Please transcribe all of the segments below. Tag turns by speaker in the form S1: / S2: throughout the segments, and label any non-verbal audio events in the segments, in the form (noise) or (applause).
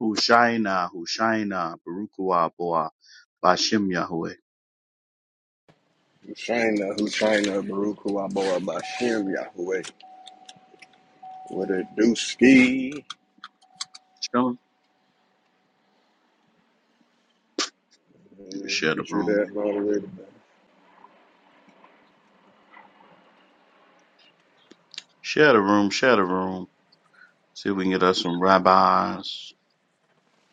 S1: Hushaina, Hushaina, Barukua Boa, Bashem Yahweh.
S2: China, who China, Baruch, who I bought by Yahweh. With a do ski.
S1: Shalom. Let me
S2: and
S1: share the
S2: Get you
S1: room.
S2: that moderator back.
S1: Share the room, share the room. See if we can get us some rabbis,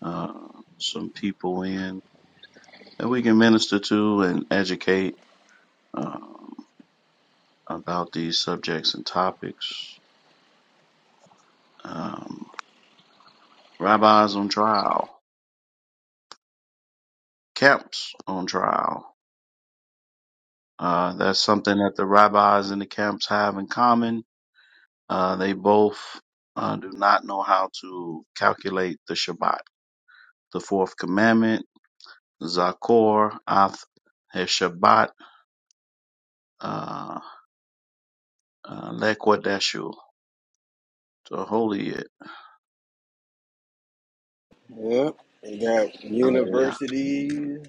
S1: uh, some people in that we can minister to and educate um, about these subjects and topics. Um, rabbis on trial, camps on trial. Uh, that's something that the rabbis and the camps have in common Uh, they both uh, do not know how to calculate the Shabbat. The fourth commandment, Zakor, Ath, Shabbat, uh, uh, Lekwadeshu, to holy it.
S2: Yep. They got
S1: Hallelujah.
S2: universities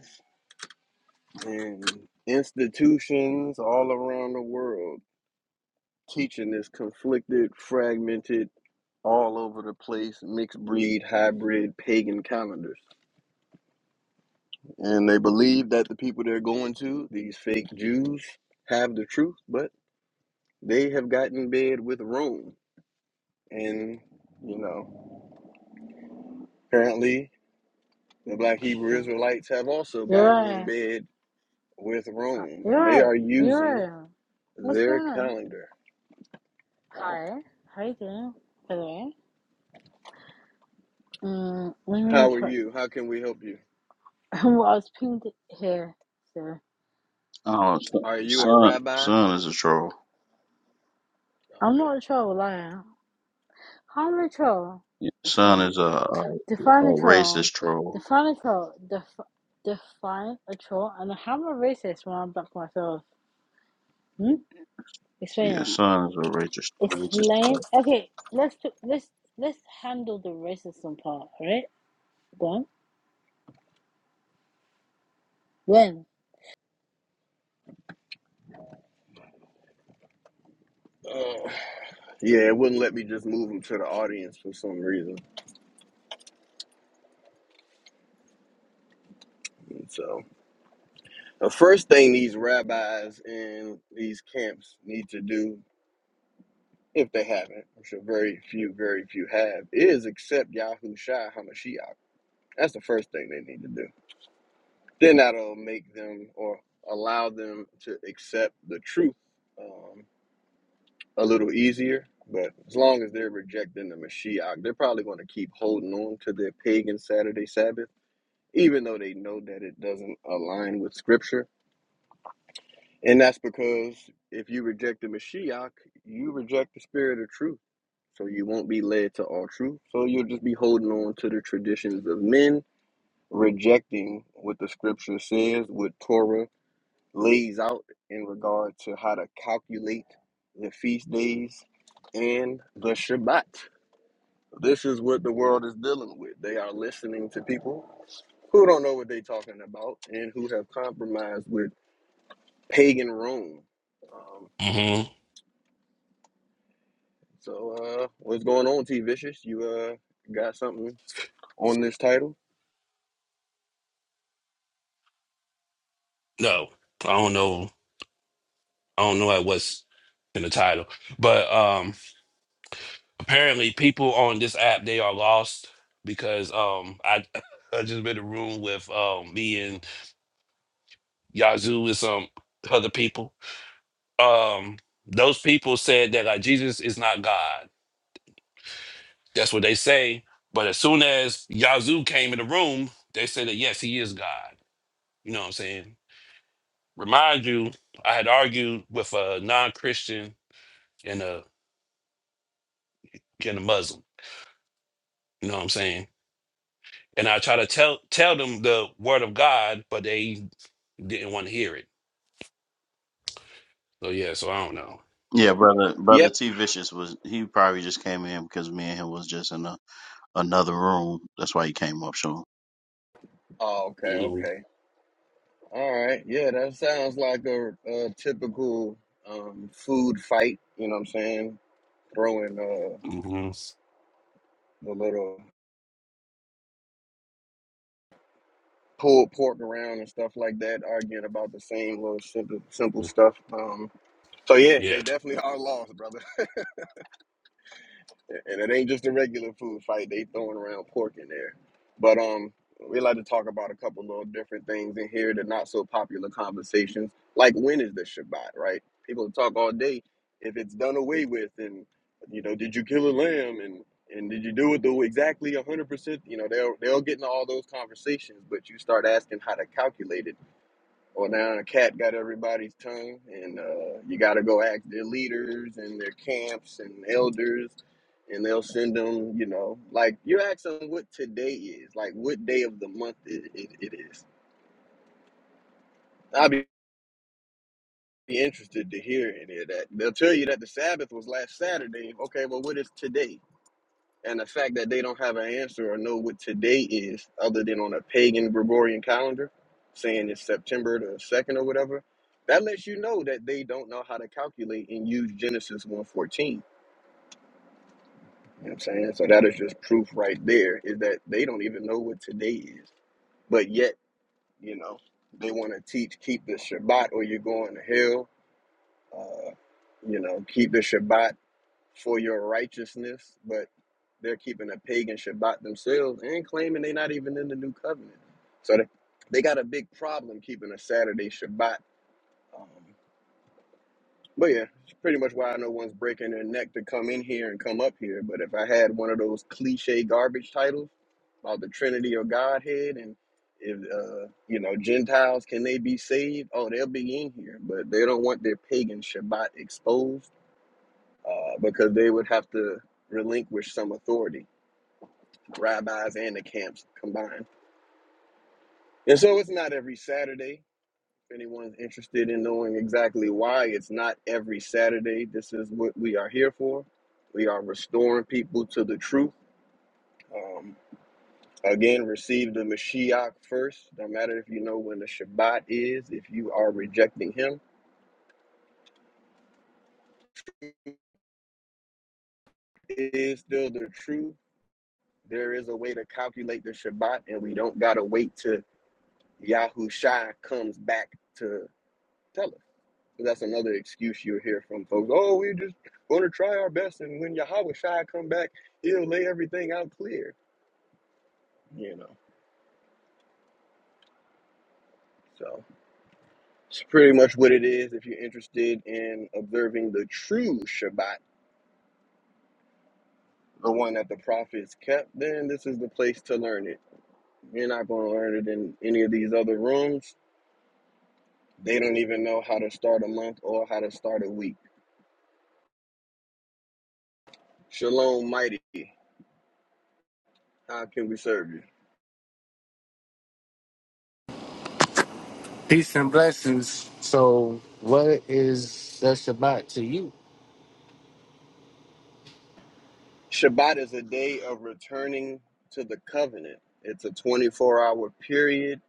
S2: and institutions all around the world teaching this conflicted, fragmented, all over the place, mixed breed, hybrid, pagan calendars. And they believe that the people they're going to, these fake Jews, have the truth, but they have gotten in bed with Rome And, you know, apparently the black Hebrew Israelites have also got in
S3: Uriah,
S2: bed with
S3: uh,
S2: Rome and they
S3: Uriah,
S2: are using
S3: Uriah, what's going
S2: their
S3: on?
S2: calendar.
S3: Hi, how you doing, by the way? Um, let me,
S2: How are
S3: cor-
S2: you? How can we help you?
S3: (laughs) well, I was pinged here, so
S1: Oh, so-
S2: Are you
S3: I,
S2: a
S1: son,
S2: rabbi?
S1: son is a troll.
S3: I'm
S2: Okay.
S3: not a troll, liar. How am I a troll?
S1: Yeah, Son
S3: Explain.
S1: is a, a, a
S3: Define a troll.
S1: racist troll.
S3: Define a troll. Def- define a troll. And how am I racist when I'm back myself? Hmm?
S1: Yeah,
S3: Explain
S1: son is a racist,
S3: it.
S1: racist
S3: Explain.
S1: troll.
S3: Okay, let's, t- let's, let's handle the racism part, alright? Done? When?
S2: Uh, yeah, it wouldn't let me just move them to the audience for some reason. And so, the first thing these rabbis in these camps need to do, if they haven't, which are very few, very few have, is accept Yahushua HaMashiach. That's the first thing they need to do then that'll make them or allow them to accept the truth um, a little easier. But as long as they're rejecting the Mashiach, they're probably going to keep holding on to their pagan Saturday Sabbath, even though they know that it doesn't align with Scripture. And that's because if you reject the Mashiach, you reject the spirit of truth. So you won't be led to all truth. So you'll just be holding on to the traditions of men, rejecting what the Scripture says, what Torah lays out in regard to how to calculate the feast days and the Shabbat. This is what the world is dealing with. They are listening to people who don't know what they're talking about and who have compromised with pagan Rome. Um,
S4: hmm
S2: so, uh, what's going on, T Vicious? You uh, got something on this title?
S4: No, I don't know. I don't know what's in the title, but um, apparently people on this app they are lost because um, I (laughs) I just been in a room with um me and Yazoo and some other people. Um, those people said that like Jesus is not God. That's what they say. But as soon as Yazoo came in the room, they said that yes, he is God. You know what I'm saying? Remind you, I had argued with a non-Christian and a and a Muslim. You know what I'm saying? And I try to tell tell them the word of God, but they didn't want to hear it. So yeah, so I don't know.
S1: Yeah, brother, brother
S2: Yep.
S1: T Vicious was he probably just came in because me and him was just in a, another room. That's why he came up, Sean.
S2: Oh, okay,
S4: Mm-hmm.
S2: okay. All right. Yeah, that sounds like a, a typical um, food fight. You know what I'm saying? throwing uh,
S4: Mm-hmm.
S2: the little pulled pork around and stuff like that, arguing about the same little simple simple stuff. Um, so yeah, they
S4: Yeah.
S2: definitely (laughs) are lost, brother. and it ain't just a regular food fight. They throwing around pork in there, but um, we like to talk about a couple little different things in here. The not so popular conversations, like when is the Shabbat, right? People talk all day if it's done away with, and you know, did you kill a lamb, and and did you do it the exactly hundred percent? You know, they'll they'll get into all those conversations, but you start asking how to calculate it well, now the cat got everybody's tongue, and uh, you got to go ask their leaders and their camps and elders, and they'll send them, you know, like you ask them what today is, like what day of the month it, it, it is. I'd be interested to hear any of that. They'll tell you that the Sabbath was last Saturday. Okay, well, what is today? And the fact that they don't have an answer or know what today is, other than on a pagan Gregorian calendar, saying it's September the second or whatever, that lets you know that they don't know how to calculate and use Genesis one fourteen. You know what I'm saying? So that is just proof right there, is that they don't even know what today is. But yet, you know, they want to teach keep the Shabbat or you're going to hell. Uh, you know, keep the Shabbat for your righteousness, but they're keeping a pagan Shabbat themselves and claiming they're not even in the new covenant. So they, they got a big problem keeping a Saturday Shabbat. Um, but yeah, it's pretty much why I know one's breaking their neck to come in here and come up here. But if I had one of those cliche garbage titles about the Trinity or Godhead and if uh, you know Gentiles can they be saved? Oh, they'll be in here, but they don't want their pagan Shabbat exposed uh, because they would have to relinquish some authority, rabbis and the camps combined. And so it's not every Saturday. If anyone's interested in knowing exactly why it's not every Saturday, this is what we are here for. We are restoring people to the truth. Um, again, receive the Mashiach first. No matter if you know when the Shabbat is, if you are rejecting him, it is still the truth. There is a way to calculate the Shabbat, and we don't got to wait to Yahusha comes back to tell us. So that's another excuse you'll hear from folks. Oh, we are just going to try our best, and when Yahweh Shai come back, he'll lay everything out clear. You know, so it's pretty much what it is. If you're interested in observing the true Shabbat, the one that the prophets kept, then this is the place to learn it. You're not going to learn it in any of these other rooms. They don't even know how to start a month or how to start a week. Shalom, mighty. How can we serve you?
S5: Peace and blessings. So, what is the Shabbat to you?
S2: Shabbat is a day of returning to the covenant. It's a 24 hour period,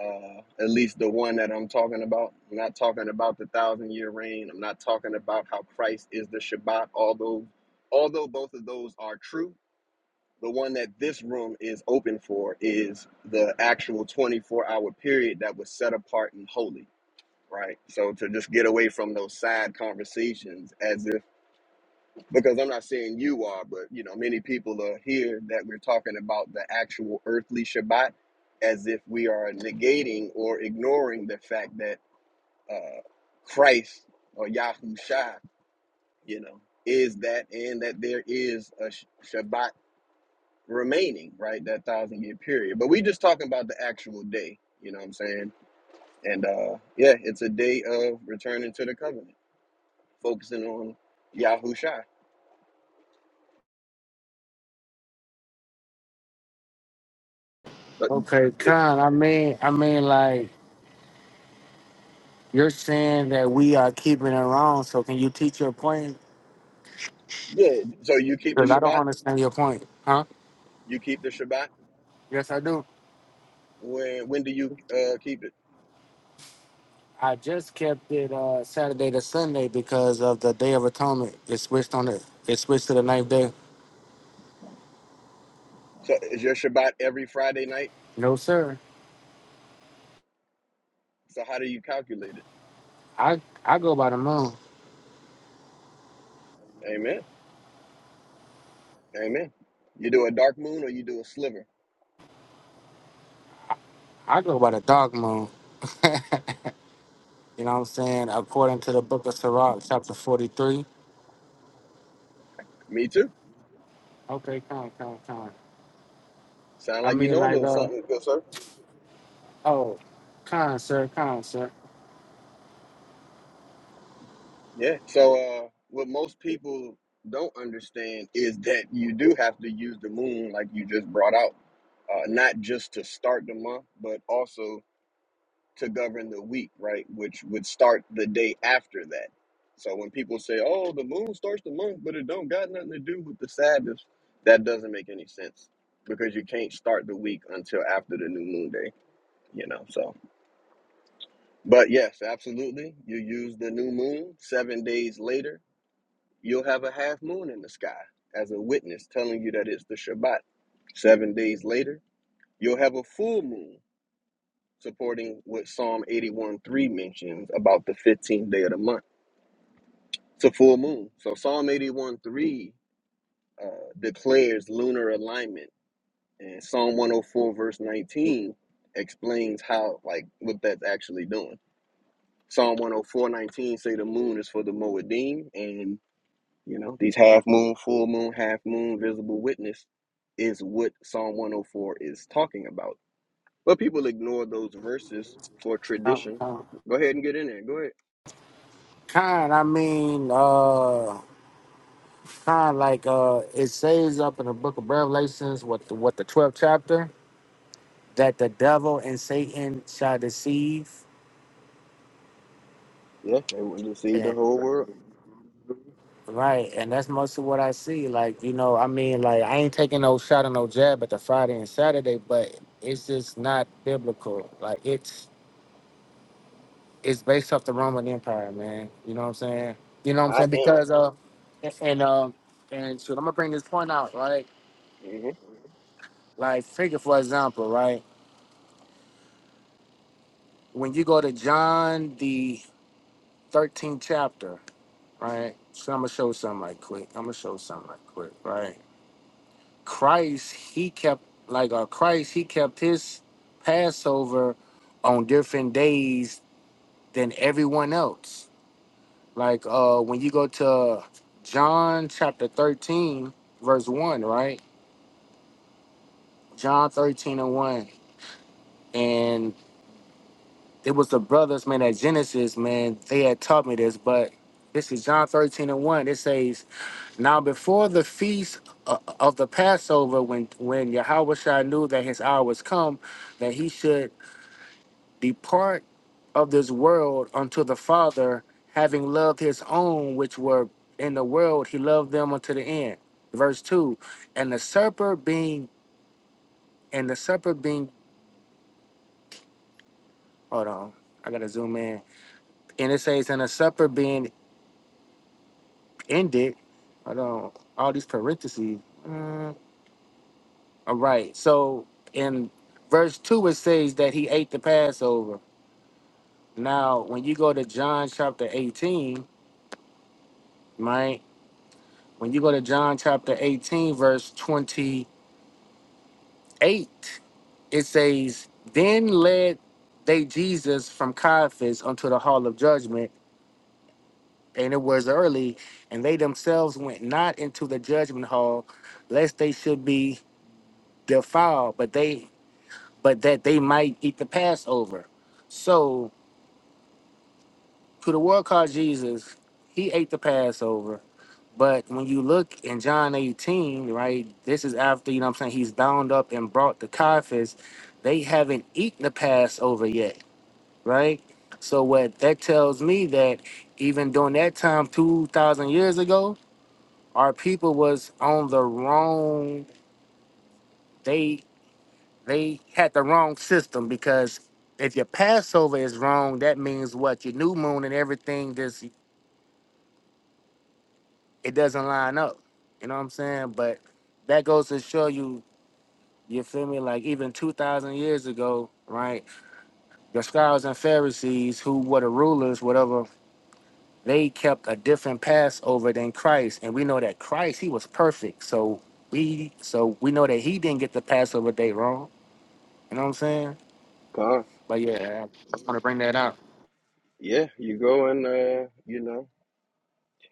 S2: uh, at least the one that I'm talking about. I'm not talking about the thousand year reign. I'm not talking about how Christ is the Shabbat, although, although both of those are true. The one that this room is open for is the actual 24 hour period that was set apart and holy, right? So to just get away from those side conversations as if because I'm not saying you are, but you know, many people are here that we're talking about the actual earthly Shabbat as if we are negating or ignoring the fact that uh, Christ or Yahusha, you know, is that and that there is a Sh- Shabbat remaining, right? That thousand year period. But we just talking about the actual day, you know what I'm saying? And uh, yeah, it's a day of returning to the covenant, focusing on Yahusha. But
S5: Okay, Khan. I mean, I mean, like you're saying that we are keeping it wrong. So, can you teach your point?
S2: yeah, so you keep the
S5: Because I don't
S2: Shabbat?
S5: understand your point, huh?
S2: You keep the Shabbat.
S5: Yes, I do.
S2: When when do you uh, keep it?
S5: I just kept it uh, Saturday to Sunday because of the Day of Atonement. It switched on it. It switched to the ninth day.
S2: So is your Shabbat every Friday night?
S5: No, sir.
S2: So how do you calculate it?
S5: I I go by the moon.
S2: Amen. Amen. You do a dark moon or you do a sliver.
S5: I go by the dark moon. (laughs) you know what I'm saying? According to the Book of Sirach, chapter 43.
S2: Me too.
S5: Okay, con, con, con.
S2: Sound
S5: I
S2: like you
S5: mean,
S2: know a
S5: like,
S2: little
S5: uh,
S2: something, good sir.
S5: oh, con, sir, con, sir,
S2: Yeah. So uh, what most people don't understand is that you do have to use the moon, like you just brought out, uh, not just to start the month, but also to govern the week, right? Which would start the day after that. So when people say, "Oh, the moon starts the month, but it don't got nothing to do with the Sabbath," that doesn't make any sense because you can't start the week until after the new moon day, you know. So, but yes, absolutely, you use the new moon seven days later, you'll have a half moon in the sky as a witness telling you that it's the Shabbat. Seven days later, you'll have a full moon supporting what Psalm 81 3 mentions about the 15th day of the month. It's a full moon. So Psalm 81 3 uh, declares lunar alignment, and Psalm 104 verse 19 explains how, like, what that's actually doing. Psalm 104:19 say the moon is for the Moedim, and you know, these half moon, full moon, half moon, visible witness is what Psalm 104 is talking about. But people ignore those verses for
S5: con,
S2: tradition.
S5: con.
S2: Go ahead and get in there. Go ahead.
S5: Con, I mean, uh, con, like, uh, it says up in the book of Revelations, what the, what the 12th chapter, that the devil and Satan shall deceive.
S2: Yeah, they want to see the
S5: And,
S2: whole world.
S5: right, and that's mostly what I see. Like, you know, I mean, like, I ain't taking no shot or no jab at the Friday and Saturday, but it's just not biblical. Like, it's it's based off the Roman Empire, man. You know what I'm saying? You know what I'm
S2: I
S5: saying?
S2: am.
S5: Because uh, and um, and so I'm gonna bring this point out, right?
S2: Mm-hmm.
S5: Like, figure for example, right? When you go to John the 13th chapter, right? So I'm gonna show something like quick. I'm gonna show something like quick, right? Christ, he kept like uh, Christ, he kept his Passover on different days than everyone else Like uh when you go to John chapter 13, verse 1, right? John 13 and 1. And it was the brothers, man, at Genesis, man, they had taught me this, but this is John 13 and 1. It says, Now before the feast o- of the Passover, when when Yahweh Shai knew that his hour was come, that he should Depart of this world unto the Father, having loved his own which were in the world, he loved them unto the end. Verse two, and the supper being and the supper being hold on, I gotta zoom in. And it says, and the supper being ended. Hold on, all these parentheses. Mm, all right, so in verse two it says that he ate the Passover. Now, when you go to John chapter eighteen, right? When you go to John chapter 18, verse 28, it says, Then led they Jesus from Caiaphas unto the hall of judgment, and it was early, and they themselves went not into the judgment hall, lest they should be defiled, but they but that they might eat the Passover. So to the world called Jesus, he ate the Passover But when you look in John 18, right, this is after, you know what I'm saying, he's bound up and brought to Caiaphas. They haven't eaten the Passover yet, right? So what that tells me that even during that time, 2,000 years ago, our people was on the wrong, they they had the wrong system because if your Passover is wrong, that means what? Your new moon and everything, just, it doesn't line up. You know what I'm saying? But that goes to show you You feel me? Like even two thousand years ago, right? The scribes and Pharisees, who were the rulers, whatever, they kept a different Passover than Christ, and we know that Christ he was perfect. So we so we know that he didn't get the Passover day wrong. You know what I'm saying?
S2: Con.
S5: But yeah, I just want to bring that up.
S2: Yeah, you go and uh, you know,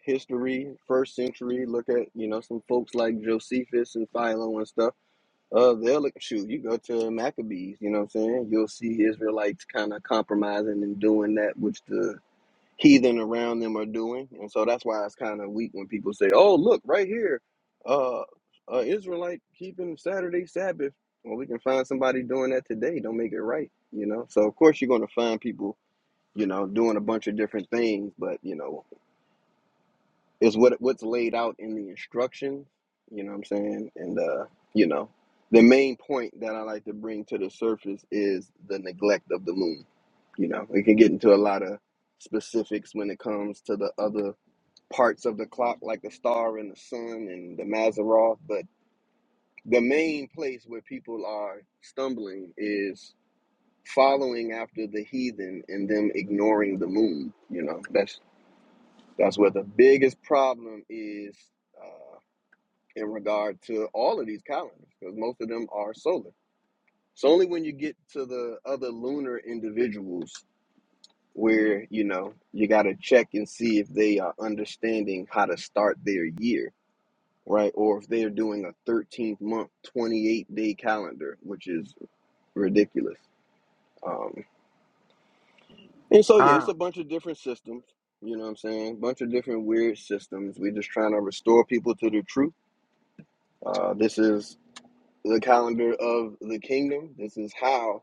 S2: history, first century, look at, you know, some folks like Josephus and Philo and stuff. Uh, they'll look, shoot, you go to Maccabees, you know what I'm saying? You'll see Israelites kind of compromising and doing that which the heathen around them are doing. And so that's why it's kind of weak when people say, "Oh, look right here, uh, uh Israelite keeping Saturday Sabbath." Well, we can find somebody doing that today. Don't make it right, you know. So of course you're going to find people, you know, doing a bunch of different things, but you know, is what what's laid out in the instructions. You know what I'm saying? And uh, you know, the main point that I like to bring to the surface is the neglect of the moon. You know, we can get into a lot of specifics when it comes to the other parts of the clock, like the star and the sun and the Maseroth, but the main place where people are stumbling is following after the heathen and them ignoring the moon. You know, that's that's where the biggest problem is Uh, in regard to all of these calendars because most of them are solar. It's only when you get to the other lunar individuals where you know you got to check and see if they are understanding how to start their year, right? Or if they're doing a 13th month, 28 day calendar, which is ridiculous. Um, and so, yeah, it's
S5: Uh,
S2: a bunch of different systems. You know what I'm saying? bunch of different weird systems. We're just trying to restore people to the truth. Uh, this is the calendar of the kingdom. This is how,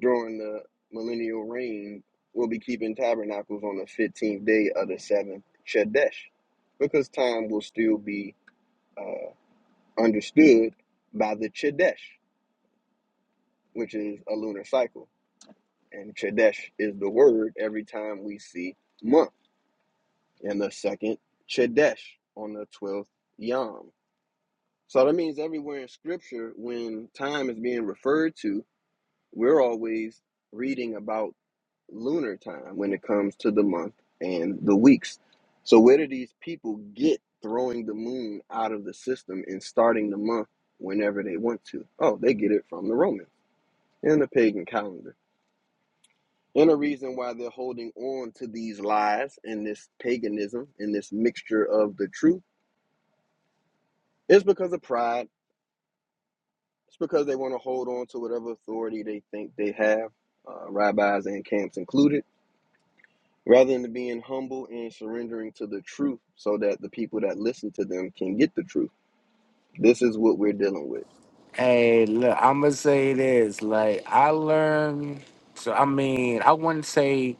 S2: during the millennial reign, we'll be keeping tabernacles on the 15th day of the seventh Chodesh, because time will still be uh, understood by the Chodesh, which is a lunar cycle. And Chodesh is the word every time we see month and the second Chodesh on the 12th Yom. So that means everywhere in scripture, when time is being referred to, we're always reading about lunar time when it comes to the month and the weeks. So where do these people get throwing the moon out of the system and starting the month whenever they want to? Oh, they get it from the Romans and the pagan calendar. And the reason why they're holding on to these lies and this paganism and this mixture of the truth is because of pride. It's because they want to hold on to whatever authority they think they have, uh, rabbis and camps included rather than being humble and surrendering to the truth so that the people that listen to them can get the truth. This is what we're dealing with.
S5: hey, look, I'm gonna say this. Like I learned. So I mean, I wouldn't say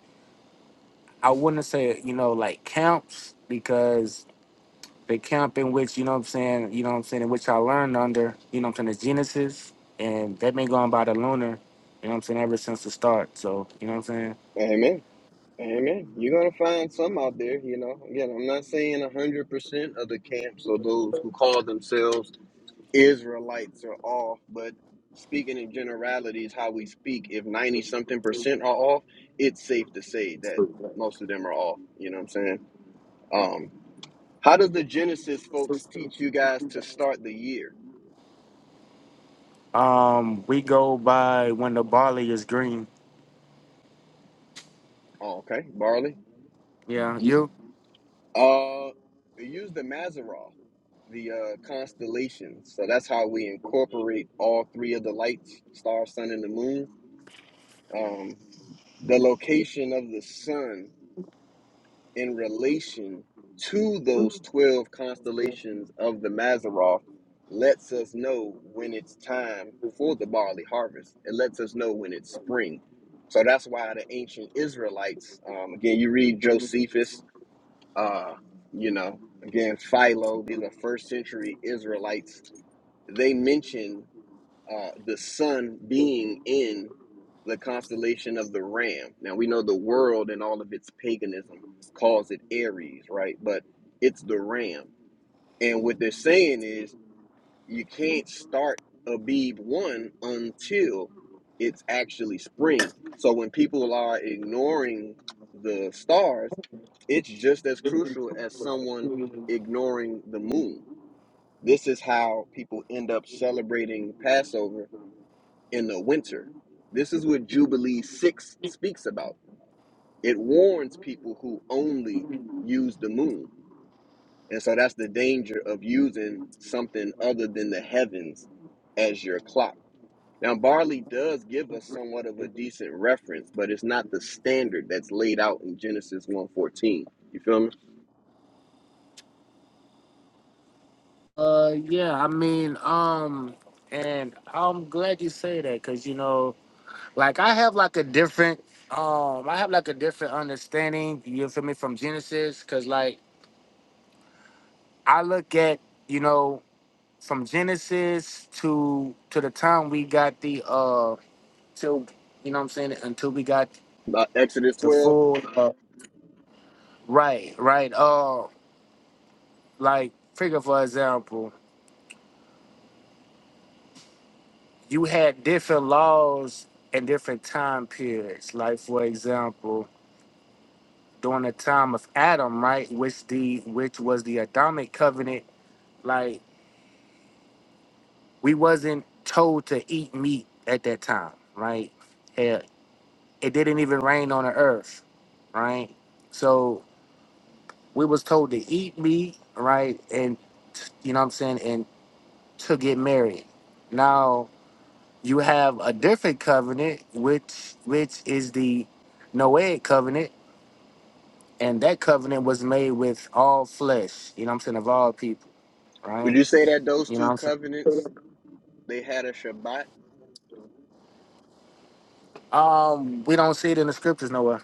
S5: I wouldn't say you know like camps because the camp in which, you know what I'm saying, you know what I'm saying, in which I learned under, you know what I'm saying, the Genesis. And they've been going by the lunar, you know what I'm saying, ever since the start. So, you know what I'm saying?
S2: Amen. Amen. You're going to find some out there, you know. Again, I'm not saying 100% of the camps or those who call themselves Israelites are off, but speaking in generalities, how we speak, if 90 something percent are off, it's safe to say that most of them are off. You know what I'm saying? Um, how does the Genesis folks teach you guys to start the year?
S5: Um, we go by when the barley is green.
S2: Oh, okay. Barley.
S5: Yeah,
S2: You-
S5: you?
S2: Uh, we use the Mazzaroth, the uh, constellation. So that's how we incorporate all three of the lights: star, sun, and the moon. Um, the location of the sun in relation to those twelve constellations of the Mazzaroth lets us know when it's time for the barley harvest. It lets us know when it's spring. So that's why the ancient Israelites, um, again, you read Josephus uh, you know, again, Philo, these are first century Israelites. They mention uh, the sun being in the constellation of the ram. Now, we know the world and all of its paganism calls it Aries, right? But it's the ram. And what they're saying is you can't start a one until it's actually spring. So when people are ignoring the stars, it's just as crucial as someone ignoring the moon. This is how people end up celebrating Passover in the winter. This is what Jubilee 6 speaks about. It warns people who only use the moon. And so that's the danger of using something other than the heavens as your clock now, barley does give us somewhat of a decent reference, but it's not the standard that's laid out in Genesis one fourteen. You feel me?
S5: Uh yeah, I mean, um, and I'm glad you say that, cause you know, like I have like a different um I have like a different understanding, you feel me, from Genesis, cause like I look at, you know, from Genesis to to the time we got the uh till you know what I'm saying until we got
S2: About Exodus
S5: the
S2: 12,
S5: full uh, right right uh like figure for example you had different laws and different time periods like for example during the time of Adam right which the which was the Adamic covenant like we wasn't told to eat meat at that time right Hell, it didn't even rain on the earth right? So we was told to eat meat, right? And you know what I'm saying, and to get married. Now you have a different covenant, which which is the Noahic covenant, and that covenant was made with all flesh, you know what I'm saying, of all people,
S2: would
S5: right?
S2: you say that those
S5: You know
S2: two
S5: what I'm saying?
S2: covenants, they had a Shabbat?
S5: Um, we don't see it in the scriptures nowhere.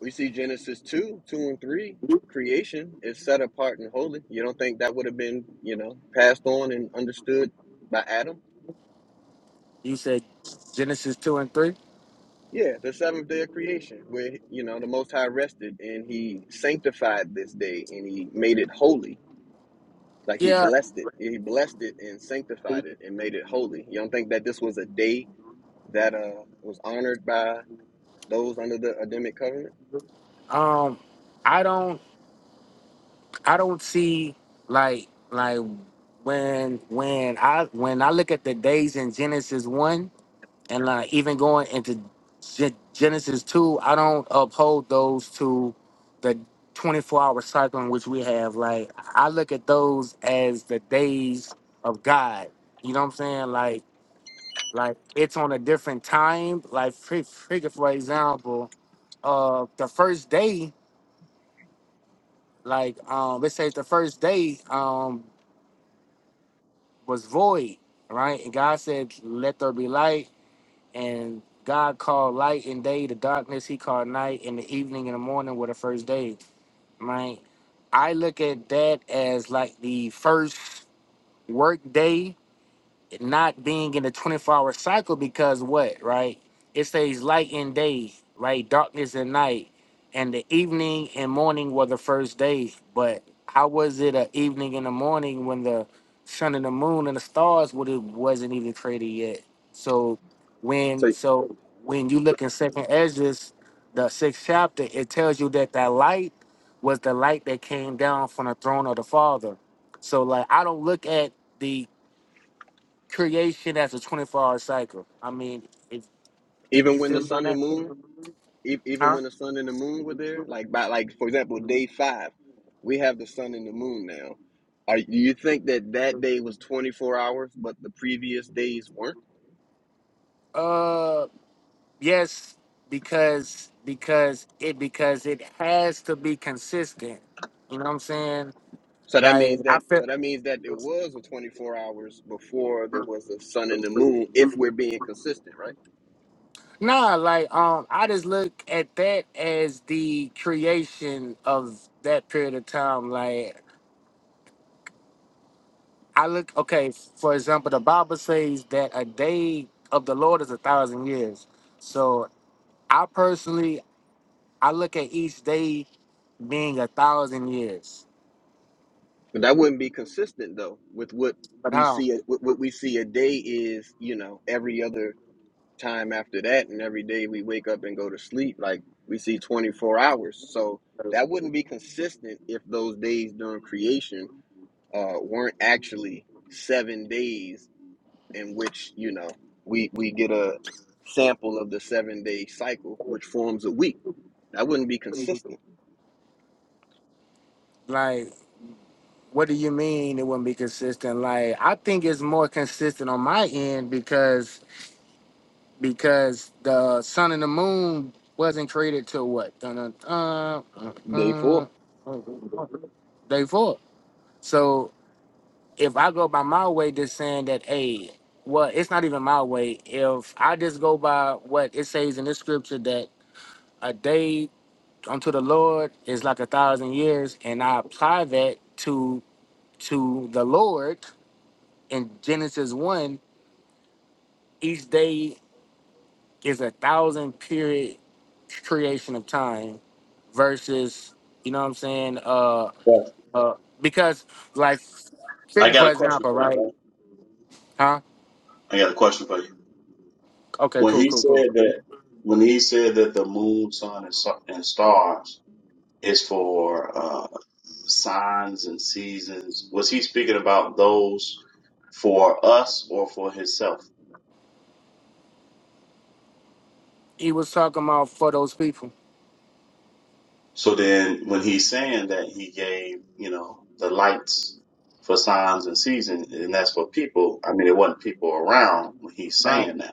S2: We see Genesis 2, 2 and 3, creation is set apart and holy. You don't think that would have been, you know, passed on and understood by Adam?
S5: You said Genesis two and three.
S2: Yeah, the seventh day of creation, where, you know, the Most High rested and he sanctified this day and he made it holy Like he
S5: Yeah.
S2: blessed it. He blessed it and sanctified it and made it holy. You don't think that this was a day that uh was honored by those under the Adamic covenant?
S5: Um I don't I don't see like like when when I when I look at the days in Genesis one and like even going into Ge- Genesis two, I don't uphold those to the twenty four hour cycle in which we have. Like I look at those as the days of God. You know what I'm saying? Like like it's on a different time. Like fi- figure for example, uh the first day like um let's say it's the first day um, was void, right? And God said, Let there be light. And God called light and day the darkness, he called night, and the evening and the morning were the first day, right? I look at that as like the first work day not being in a 24 hour cycle because what, right? It says light and day, right? Darkness and night. And the evening and morning were the first day. But how was it a evening and a morning when the sun and the moon and the stars would it wasn't even created yet? So when
S2: So,
S5: so when you
S2: so
S5: look in second Esdras, the sixth chapter, it tells you that that light was the light that came down from the throne of the Father. So like I don't look at the creation as a 24 hour cycle. I mean, if
S2: even
S5: you
S2: when the
S5: feel me on
S2: sun and
S5: that,
S2: moon, e- even
S5: huh?
S2: when the sun and the moon were there, like by like for example, day five, we have the sun and the moon now. Are do you think that that day was twenty four hours, but the previous days weren't?
S5: Uh, yes, because because it because it has to be consistent. You know what I'm saying?
S2: So that
S5: Like
S2: means
S5: I
S2: that
S5: feel
S2: so that means that it was a twenty four hours before there was the sun and the moon. If we're being consistent, right?
S5: nah, like um, I just look at that as the creation of that period of time. Like I look okay. For example, the Bible says that a day of the Lord is a thousand years. So I personally, I look at each day being a thousand years.
S2: But that wouldn't be consistent though with what
S5: But
S2: we
S5: how?
S2: see. What what we see a day is, you know, every other time after that, and every day we wake up and go to sleep. Like we see twenty four hours, so that wouldn't be consistent if those days during creation uh, weren't actually seven days in which you know we we get a sample of the seven day cycle, which forms a week. That wouldn't be consistent.
S5: Like, what do you mean it wouldn't be consistent? Like, I think it's more consistent on my end because because the sun and the moon wasn't created till what? Dun, dun, dun, uh,
S2: Day four
S5: uh, day four. So if I go by my way, just saying that, hey, well, it's not even my way. If I just go by what it says in the scripture that a day unto the Lord is like a thousand years, and I apply that to to the Lord in Genesis one, each day is a thousand period creation of time versus you know what I'm saying? Uh uh because like
S1: I
S5: figure
S1: got
S5: for
S1: a question
S5: example,
S1: for you,
S5: right?
S1: bro.
S5: Huh?
S1: I got a question for you.
S5: Okay,
S1: When
S5: cool,
S1: he
S5: cool, cool.
S1: said that, when he said that the moon, sun, and, su- and stars is for uh, signs and seasons, was he speaking about those for us or for himself?
S5: He was talking about for those people.
S1: So then, when he's saying that he gave, you know, the lights for signs and seasons, and that's for people. I mean, it wasn't people around when he's
S5: Right.
S1: saying that.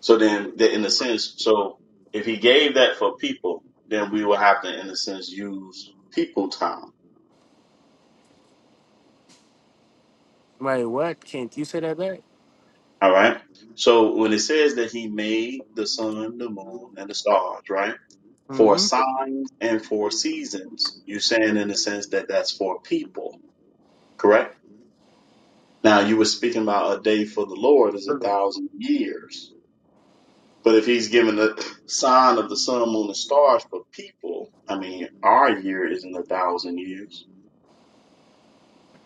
S1: So then, that in a sense, so if he gave that for people, then we will have to, in a sense, use people time.
S5: Right. What? Can't you say that back?
S1: All right. So when it says that he made the sun, the moon, and the stars, right, for
S5: hmm
S1: signs and for seasons, you're saying in a sense that that's for people, correct? Now you were speaking about a day for the Lord is a thousand years, but if he's given a sign of the sun, moon, and stars for people, I mean, our year isn't a thousand years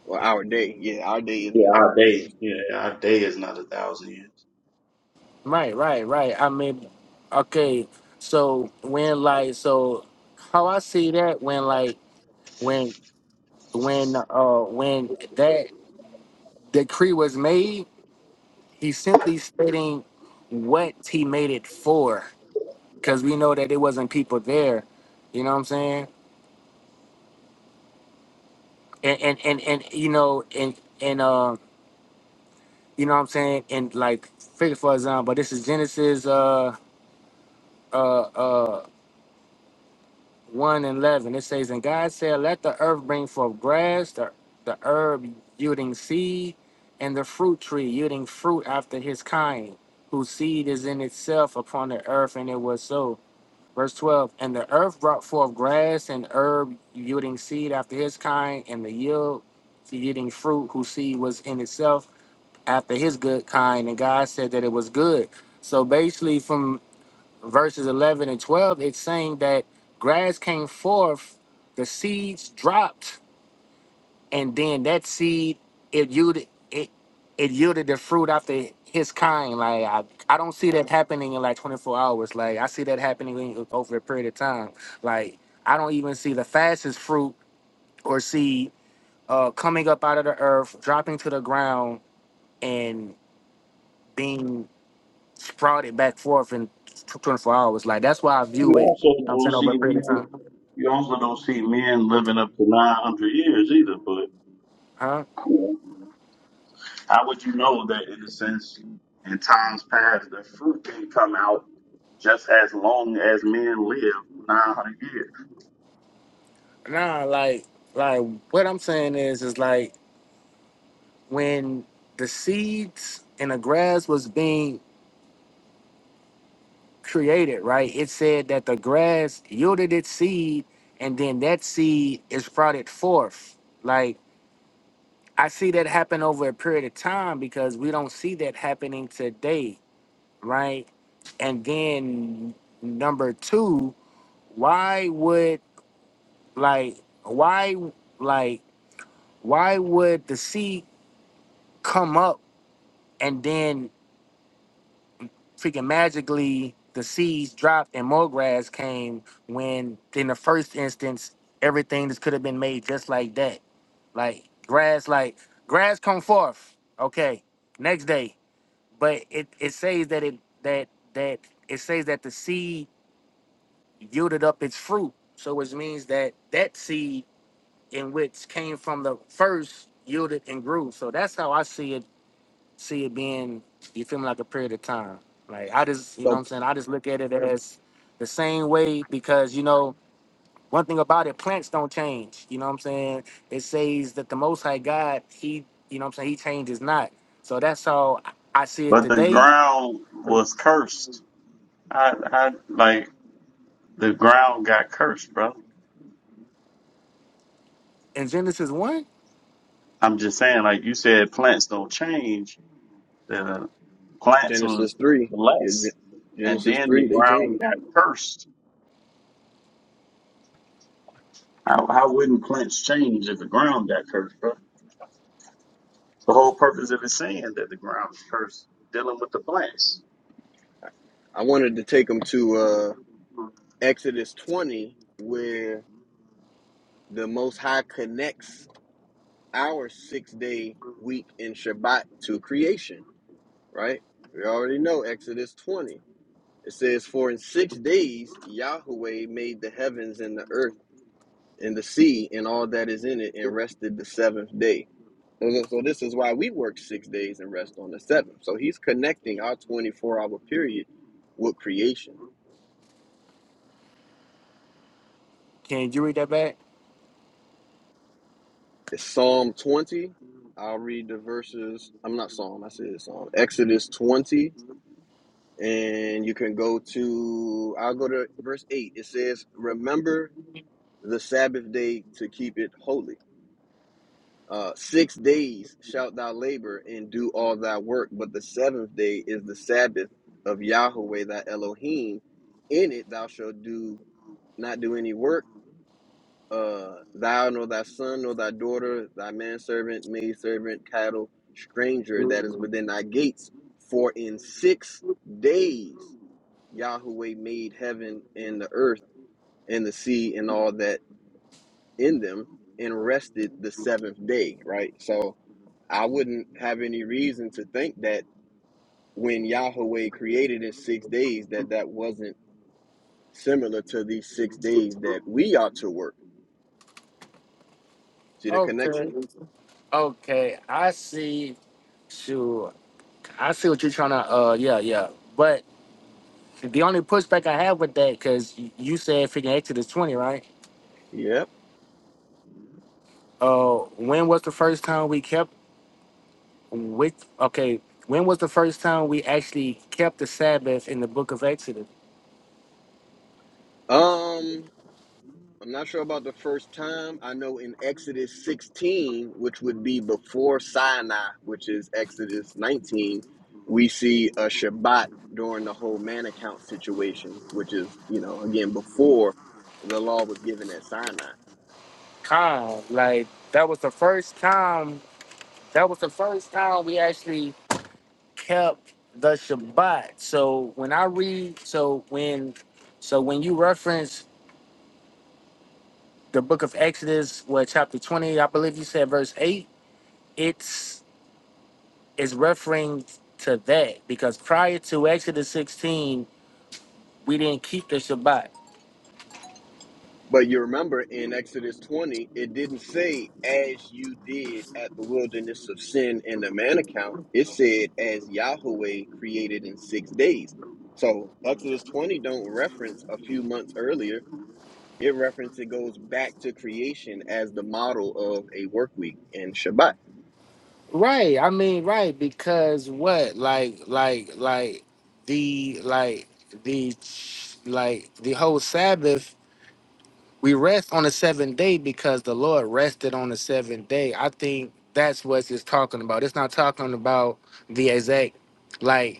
S2: or our day, yeah, our day
S1: Yeah,
S2: isn't a
S1: our
S2: thousand
S1: day.
S2: years.
S1: Yeah, our day is not a thousand years.
S5: Right. Right. Right. I mean, okay. So when like so, how I see that when like when when uh when that decree was made, he's simply stating what he made it for, because we know that it wasn't people there. You know what I'm saying? And and and, and you know and and um. You know what I'm saying? And like, figure for example, but this is Genesis uh uh uh one and eleven. It says, and God said, let the earth bring forth grass, the the herb yielding seed, and the fruit tree yielding fruit after his kind, whose seed is in itself upon the earth, and it was so. Verse 12, and the earth brought forth grass and herb yielding seed after his kind, and the yield yielding fruit whose seed was in itself, after his good kind, and God said that it was good. So basically, from verses 11 and 12, it's saying that grass came forth, the seeds dropped, and then that seed it yielded it it yielded the fruit after his kind. Like I, I don't see that happening in like 24 hours. Like I see that happening in- over a period of time. Like I don't even see the fastest fruit or seed uh, coming up out of the earth, dropping to the ground, and being fraud it back forth in tw- 24 hours. Like that's why I view
S1: You
S5: it.
S1: also
S5: I'm
S1: don't
S5: saying
S1: see
S5: over a period of
S1: men.
S5: time.
S1: You also don't see men living up to nine hundred years either. But
S5: Huh?
S1: you know, how would you know that in a sense, in times past, the fruit didn't come out just as long as men live nine hundred years?
S5: Nah, like like what I'm saying is is like when the seeds and the grass was being created, right? It said that the grass yielded its seed and then that seed is sprouted forth. Like I see that happen over a period of time because we don't see that happening today, right? And then number two why would like why like why would the seed come up and then freaking magically the seeds dropped and more grass came when in the first instance everything just could have been made just like that like grass like grass come forth okay next day but it it says that it that that it says that the seed yielded up its fruit so which means that that seed in which came from the first yielded and grew. So that's how I see it see it being you feel me like a period of time. Like I just you know what
S2: So
S5: I'm saying, I just look at it as the same way because you know, one thing about it, plants don't change. You know what I'm saying? It says that the most high God, he you know what I'm saying, he changes not. So that's how I I see it
S1: But the
S5: today.
S1: ground was cursed. I, I like the ground got cursed, bro.
S5: In Genesis one,
S1: I'm just saying, like you said, plants don't change. Plants
S2: Genesis
S1: was
S2: three. Yeah, Gen-
S1: blessed, and
S2: Genesis
S1: then the
S2: three. They changed.
S1: ground got cursed. How, how wouldn't plants change if the ground got cursed, bro? The whole purpose of it saying that the ground is cursed, dealing with the plants.
S2: I wanted to take them to uh, Exodus twenty, where the Most High connects our six-day week in Shabbat to creation. Right? We already know Exodus twenty. It says, "For in six days Yahweh made the heavens and the earth and the sea and all that is in it, and rested the seventh day." So, so this is why we work six days and rest on the seventh. So he's connecting our 24 hour period with creation.
S5: can you read that back?
S2: It's Psalm 20. I'll read the verses. I'm not Psalm, I said Psalm. Exodus 20. And you can go to, I'll go to verse 8. It says, Remember the Sabbath day to keep it holy. Uh, six days shalt thou labor and do all thy work, but the seventh day is the Sabbath of Yahweh thy Elohim. In it thou shalt do not do any work, uh, thou nor thy son nor thy daughter, thy manservant, maidservant, cattle, stranger that is within thy gates. For in six days Yahweh made heaven and the earth and the sea and all that in them, and rested the seventh day. Right, so I wouldn't have any reason to think that when Yahweh created in six days, that that wasn't similar to these six days that we ought to work. See the
S5: Oh
S2: connection?
S5: okay. I see sure. I see what you're trying to uh yeah, yeah. But The only pushback I have with that, because you said freaking Exodus 20, right?
S2: Yep.
S5: Uh, when was the first time we kept with? Okay, when was the first time we actually kept the Sabbath in the Book of Exodus?
S2: Um, I'm not sure about the first time. I know in Exodus 16, which would be before Sinai, which is Exodus 19, we see a Shabbat during the whole man account situation, which is, you know, again, before the law was given at Sinai.
S5: Con, like that was the first time. That was the first time we actually kept the Shabbat. So when I read, so when, so when you reference the Book of Exodus, what chapter 20, I believe you said verse eight, it's is referring to that because prior to Exodus 16, we didn't keep the Shabbat.
S2: But you remember in Exodus 20, it didn't say as you did at the wilderness of sin in the man account. It said as Yahweh created in six days. So Exodus 20 don't reference a few months earlier. It reference it goes back to creation as the model of a work week and Shabbat.
S5: Right. I mean, right. Because what? Like, like, like the, like, the, like, the whole Sabbath, we rest on the seventh day because the Lord rested on the seventh day. I think that's what it's talking about. It's not talking about the exact, like,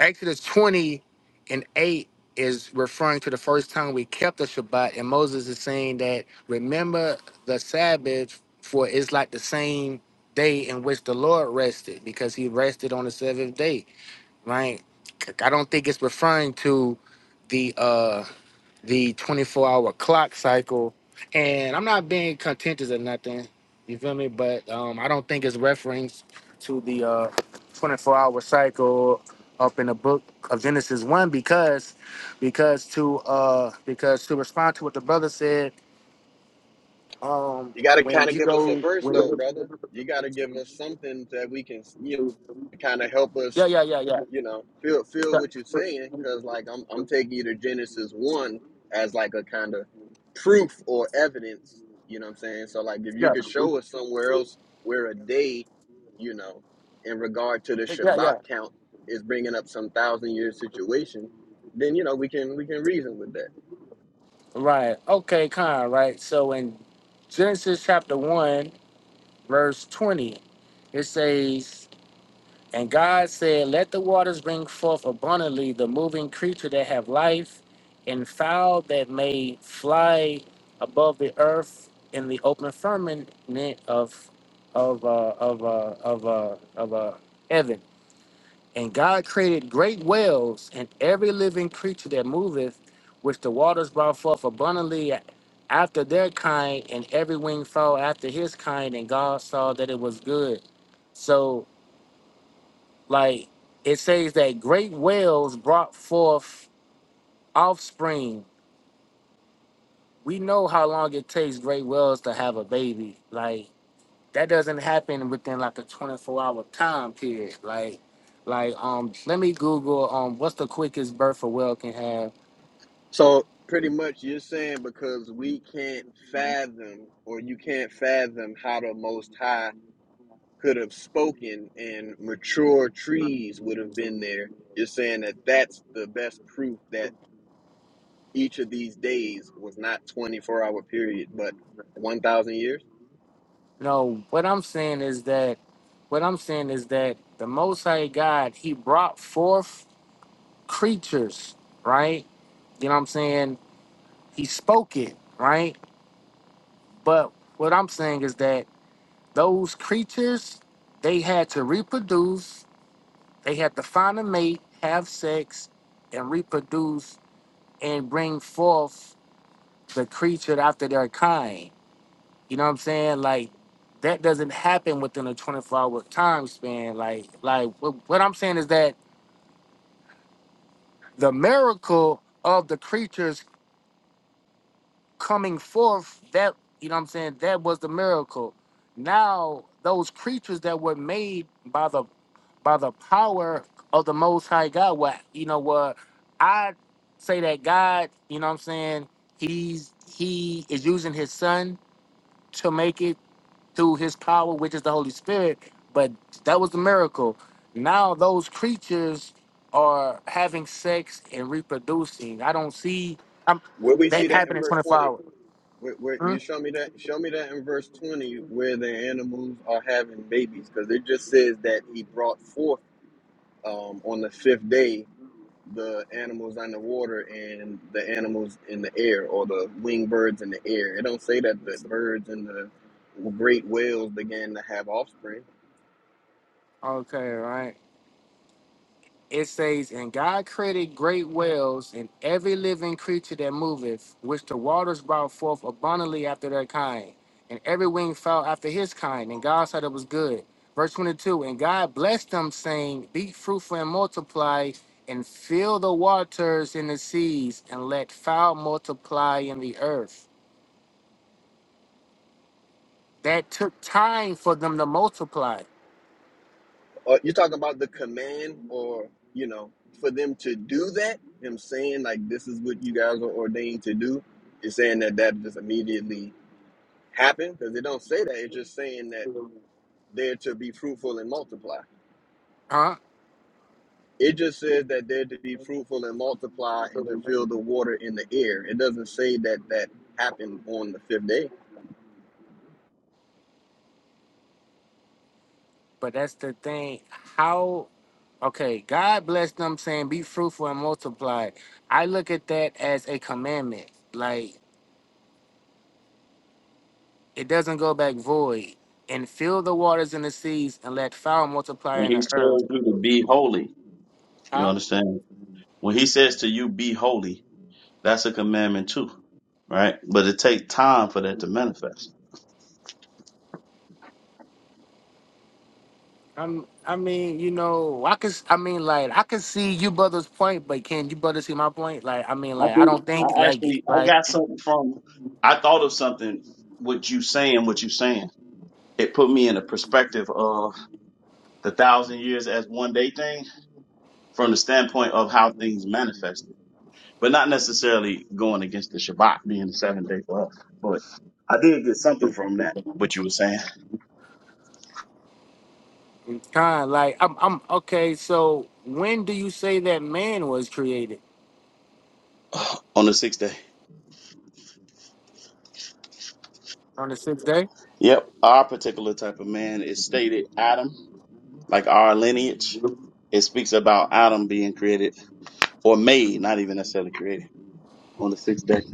S5: Exodus 20 and 8 is referring to the first time we kept the Shabbat, and Moses is saying that remember the Sabbath, for it's like the same day in which the Lord rested, because he rested on the seventh day, right? I don't think it's referring to the uh the 24 hour clock cycle. And I'm not being contentious or nothing, you feel me? But um, I don't think it's reference to the uh, 24 hour cycle up in the book of Genesis 1 because because to uh because to respond to what the brother said, um
S2: You got to
S5: when
S2: kind of
S5: you
S2: give us a
S5: go
S2: verse
S5: when
S2: though, brother. You got to give us something that we can you know, kind of help us
S5: Yeah, yeah, yeah, yeah.
S2: you know, feel feel
S5: Yeah,
S2: what you're saying, because like I'm I'm taking you to Genesis one as like a kind of proof or evidence. You know what I'm saying? So like if you could show us somewhere else where a day, you know, in regard to the
S5: yeah, yeah.
S2: Shabbat count is bringing up some thousand year situation, then you know we can we can reason with that.
S5: Right. Okay, kind, right. So in Genesis chapter 1, verse 20, it says And God said, Let the waters bring forth abundantly the moving creature that have life, and fowl that may fly above the earth in the open firmament of of uh, of uh, of uh, of uh, heaven. And God created great whales and every living creature that moveth, which the waters brought forth abundantly after their kind, and every winged fowl after his kind. And God saw that it was good. So like it says that great whales brought forth offspring. We know how long it takes great whales to have a baby. Like that doesn't happen within like a 24 hour time period. Like like um let me Google um what's the quickest birth a whale can have.
S2: So pretty much you're saying because we can't fathom or you can't fathom how the Most High could have spoken and mature trees would have been there. You're saying that that's the best proof that each of these days was not 24 hour period, but 1,000 years.
S5: No, what I'm saying is that what I'm saying is that the most high God, he brought forth creatures, right? You know what I'm saying? He spoke it, right? But what I'm saying is that those creatures, they had to reproduce, they had to find a mate, have sex, and reproduce and bring forth the creature after their kind. You know what I'm saying? Like that doesn't happen within a 24 hour time span. Like, like what, what I'm saying is that the miracle of the creatures coming forth, that you know what I'm saying, that was the miracle. Now those creatures that were made by the by the power of the most high God, what you know what I say that God, you know what I'm saying, he's he is using his son to make it through his power, which is the Holy Spirit, but that was the miracle. Now those creatures are having sex and reproducing. I don't see I'm,
S2: Where we
S5: they
S2: see that in
S5: happen in
S2: verse
S5: 24
S2: 20,
S5: hours.
S2: where, where
S5: Hmm?
S2: you show me that, show me that in verse 20 where the animals are having babies, because it just says that he brought forth um, on the fifth day the animals underwater and the animals in the air or the winged birds in the air. It don't say that the birds and the great whales began to have offspring.
S5: Okay, right. It says, And God created great whales and every living creature that moveth, which the waters brought forth abundantly after their kind. And every wing fell after his kind. And God said it was good. Verse 22 And God blessed them, saying, Be fruitful and multiply, and fill the waters in the seas, and let fowl multiply in the earth. That took time for them to multiply.
S2: Uh, you're talking about the command or, you know, for them to do that, him saying like this is what you guys are ordained to do, is saying that that just immediately happened because it don't say that. It's just saying that they're to be fruitful and multiply.
S5: Huh?
S2: It just says that they're to be fruitful and multiply and to fill the water in the air. It doesn't say that that happened on the fifth day.
S5: But that's the thing. How? Okay, God bless them saying be fruitful and multiply. I look at that as a commandment. Like it doesn't go back void. And fill the waters and the seas and let fowl multiply
S1: When
S5: in
S1: he
S5: the earth.
S1: tells you to be holy, you
S5: Huh?
S1: understand? When he says to you, be holy, that's a commandment too, right? But it takes time for that to manifest.
S5: I'm, I mean, you know, I could, s- I mean, like, I could see you brother's point, but can you brother see my point? Like, I mean,
S1: I
S5: like, I
S1: do.
S5: don't think,
S1: I
S5: like,
S1: actually, I
S5: like,
S1: got something from, I thought of something, what you saying, what you saying. It put me in a perspective of the thousand years as one day thing from the standpoint of how things manifested, but not necessarily going against the Shabbat being the seventh day for us. But I did get something from that, what you were saying
S5: kind, like, I'm, I'm, okay. So, when do you say that man was created
S1: (sighs) on the sixth day.
S5: on the sixth day?
S1: Yep, our particular type of man is stated Adam, like our lineage. It speaks about Adam being created or made, not even necessarily created, on the sixth day. It's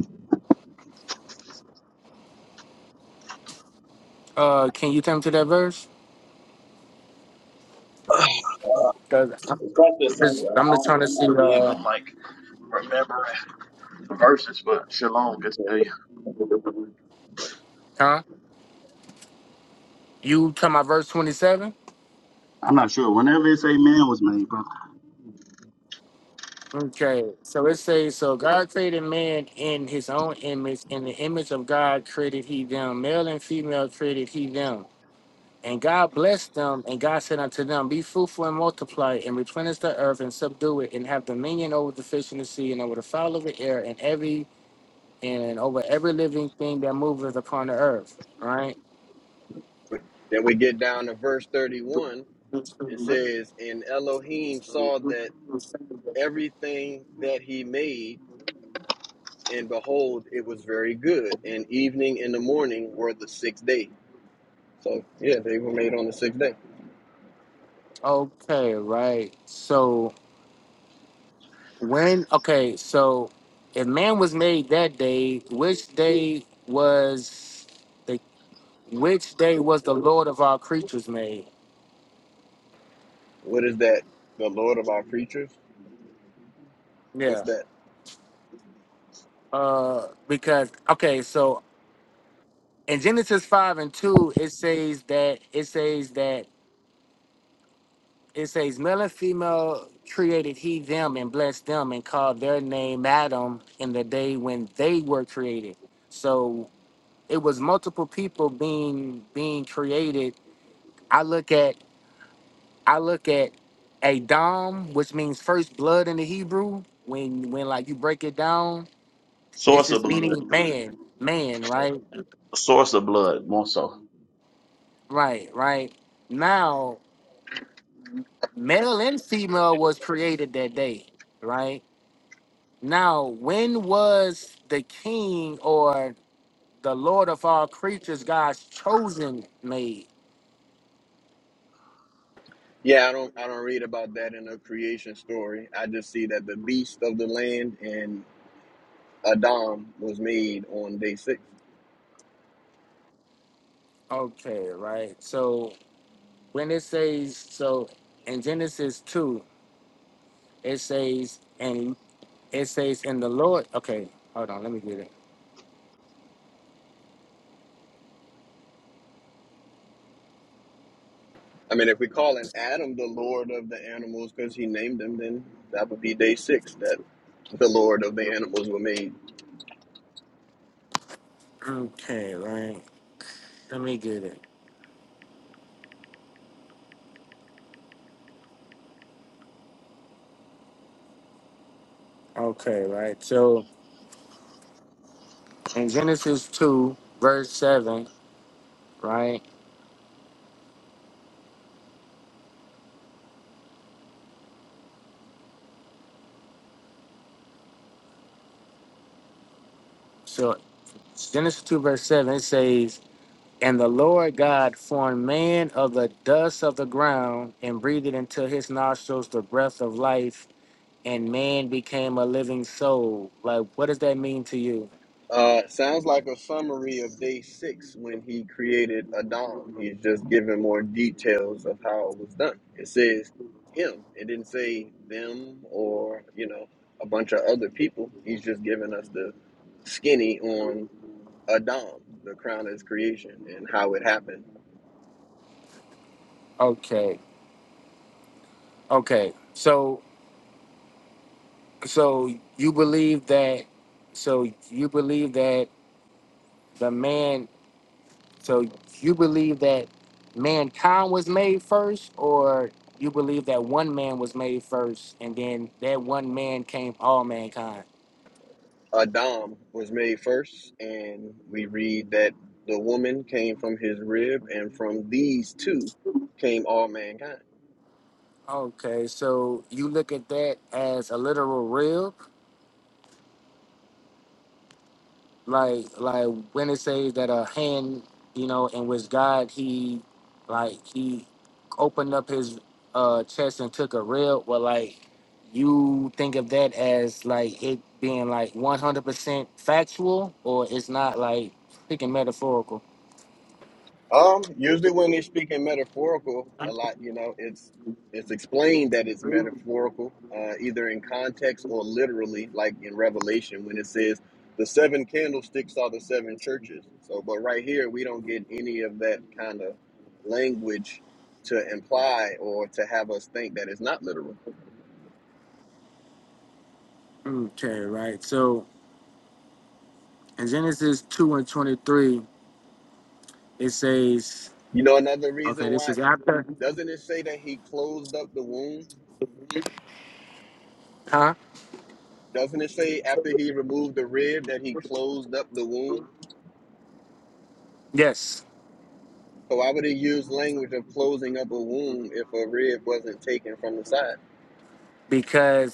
S5: Uh, can you tell me to that verse? Cause I'm
S1: like the same
S5: just, I'm
S1: I
S5: just
S1: don't,
S5: trying to
S1: I'm
S5: see,
S1: not big
S5: uh,
S1: on like remembering verses, but Shalom could tell you.
S5: huh? You come out verse 27?
S1: I'm not sure. Whenever it say man was made, brother.
S5: Okay, so it says, so God created man in his own image. In the image of God created he them. Male and female created he them. And God blessed them, and God said unto them, Be fruitful and multiply, and replenish the earth, and subdue it, and have dominion over the fish in the sea, and over the fowl of the air, and every and over every living thing that moveth upon the earth. Right?
S2: Then we get down to verse 31. It says, And Elohim saw that everything that he made, and behold, it was very good. And evening and the morning were the sixth day. So, yeah, they were made on the sixth day.
S5: Okay, right. So When okay, so if man was made that day, which day was the which day was the Lord of all creatures made?
S2: What is that? The Lord of our creatures? What's
S5: Yeah.
S2: that?
S5: Uh because okay, so in Genesis five and two it says that it says that it says male and female created he them and blessed them and called their name Adam in the day when they were created. So it was multiple people being being created. I look at I look at a dom, which means first blood in the Hebrew. When when like you break it down, this
S1: Source of
S5: is
S1: blood.
S5: meaning man, man, right,
S1: Source of blood, more so.
S5: right, right. Now, male and female was created that day, right? Now, when was the king or the Lord of all creatures, God's chosen made?
S2: Yeah, I don't I don't read about that in the creation story. I just see that the beast of the land and Adam was made on day six.
S5: Okay, right. So when it says so in Genesis two, it says and It says in the Lord. Okay, hold on. Let me get it.
S2: I mean, if we call an Adam the Lord of the animals because he named them, then that would be day six that the Lord of the animals were made.
S5: Okay, right. Let me get it. Okay, right. So in Genesis 2, verse 7, right? So Genesis 2, verse 7, it says, And the Lord God formed man of the dust of the ground and breathed into his nostrils the breath of life, and man became a living soul. Like, what does that mean to you?
S2: Uh, sounds like a summary of day six when he created Adam. He's just giving more details of how it was done. It says him. It didn't say them or you know a bunch of other people. He's just giving us the skinny on Adam, the crown of his creation, and how it happened.
S5: Okay, okay. So So you believe that? So you believe that the man? So you believe that mankind was made first, or you believe that one man was made first, and then that one man came all mankind?
S2: Adam was made first, and we read that the woman came from his rib, and from these two came all mankind.
S5: Okay, so you look at that as a literal rib. like like when it says that a hand you know in which god he like he opened up his uh chest and took a rib well like you think of that as like it being like 100% factual or it's not like speaking metaphorical
S2: Um, usually when they're speaking metaphorical, a lot, you know, it's it's explained that it's metaphorical, uh, either in context or literally, like in Revelation when it says the seven candlesticks are the seven churches. So, but right here we don't get any of that kind of language to imply or to have us think that it's not literal.
S5: okay right so in genesis 2 and 23 it says
S2: You know, another
S5: okay
S2: reason
S5: this
S2: why
S5: is after
S2: doesn't it say that he closed up the womb?
S5: huh
S2: Doesn't it say after he removed the rib that he closed up the womb?
S5: yes
S2: So why would it use language of closing up a wound if a rib wasn't taken from the side?
S5: because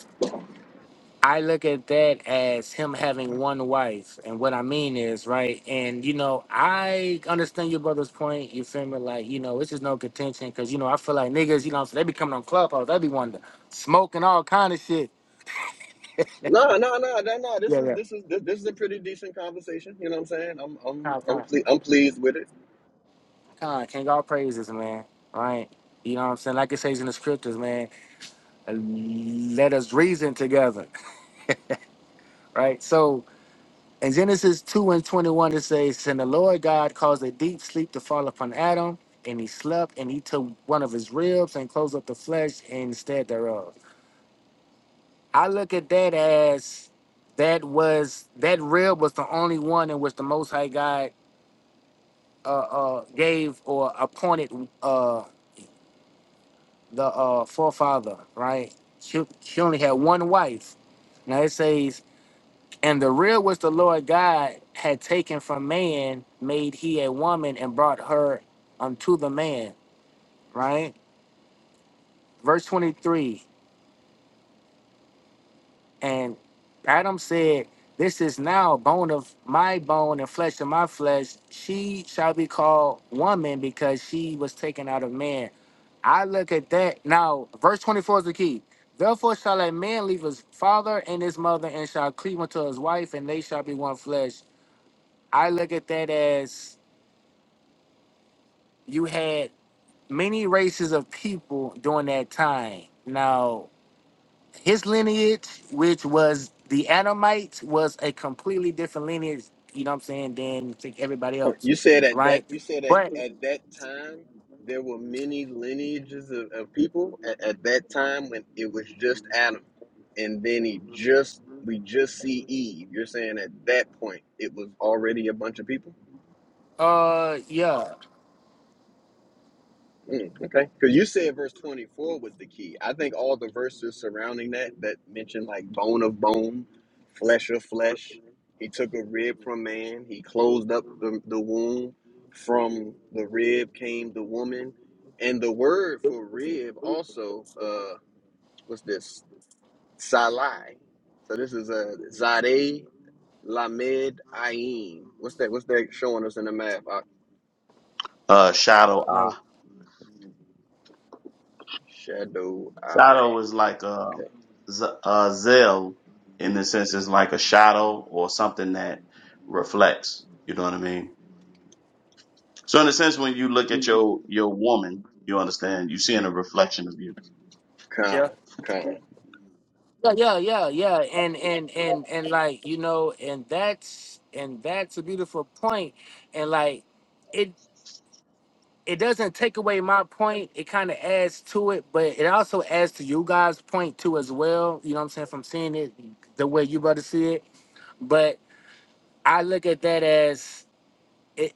S5: I look at that as him having one wife. And what I mean is, right? And, you know, I understand your brother's point. You feel me? Like, you know, it's just no contention because, you know, I feel like niggas, you know, so they be coming on Clubhouse. They be wanting to smoke and all kind of shit.
S2: No, no, no, no, no. This
S5: Yeah,
S2: is
S5: yeah.
S2: this is this, this is a pretty decent conversation. You know what I'm saying? I'm I'm
S5: Nah,
S2: I'm,
S5: nah.
S2: ple- I'm pleased with it.
S5: Nah, King, all praises, man. Right? You know what I'm saying? Like it says in the scriptures, man, let us reason together. (laughs) Right? So, In Genesis 2 and 21, it says, And the Lord God caused a deep sleep to fall upon Adam, and he slept, and he took one of his ribs and closed up the flesh instead thereof. I look at that as that was that rib was the only one in which the Most High God uh, uh, gave or appointed uh, the uh, forefather, right? She, she only had one wife. Now it says And the rib which the Lord God had taken from man made he a woman and brought her unto the man. Right? Verse 23. And Adam said, This is now bone of my bone and flesh of my flesh. She shall be called woman because she was taken out of man. I look at that. Now, verse 24 is the key. Therefore shall a man leave his father and his mother and shall cleave unto his wife, and they shall be one flesh. I look at that as you had many races of people during that time. Now, his lineage, which was the Adamites, was a completely different lineage, you know what I'm saying, than think everybody
S2: Huh.
S5: else,
S2: You said at that
S5: right?
S2: you said at,
S5: But
S2: at that time there were many lineages of, of people at, at that time when it was just Adam, and then he just we just see Eve. You're saying at that point it was already a bunch of people.
S5: uh yeah,
S2: Mm, okay. Because you said verse 24 was the key. I think all the verses surrounding that, that mention like bone of bone, flesh of flesh, he took a rib from man, he closed up the, the womb. From the rib came the woman. And the word for rib also uh, was this, salai. So this is a zade lamed ayin. What's that? What's that showing us in the map? Uh,
S1: Uh, shadow
S5: like
S1: eye.
S2: shadow
S1: Shadow
S2: eye.
S1: is like um,
S2: Okay.
S1: z- uh, zeal in the sense it's like a shadow or something that reflects. You know what I mean? So in a sense, when you look at your your woman, you understand you seeing a reflection of you.
S2: Con. Con.
S5: yeah, yeah, yeah, yeah. And and and and like, you know, and that's and that's a beautiful point. And like it. it doesn't take away my point. It kind of adds to it, but it also adds to you guys' point too as well. You know what I'm saying? From seeing it the way you brother see it, but I look at that as it.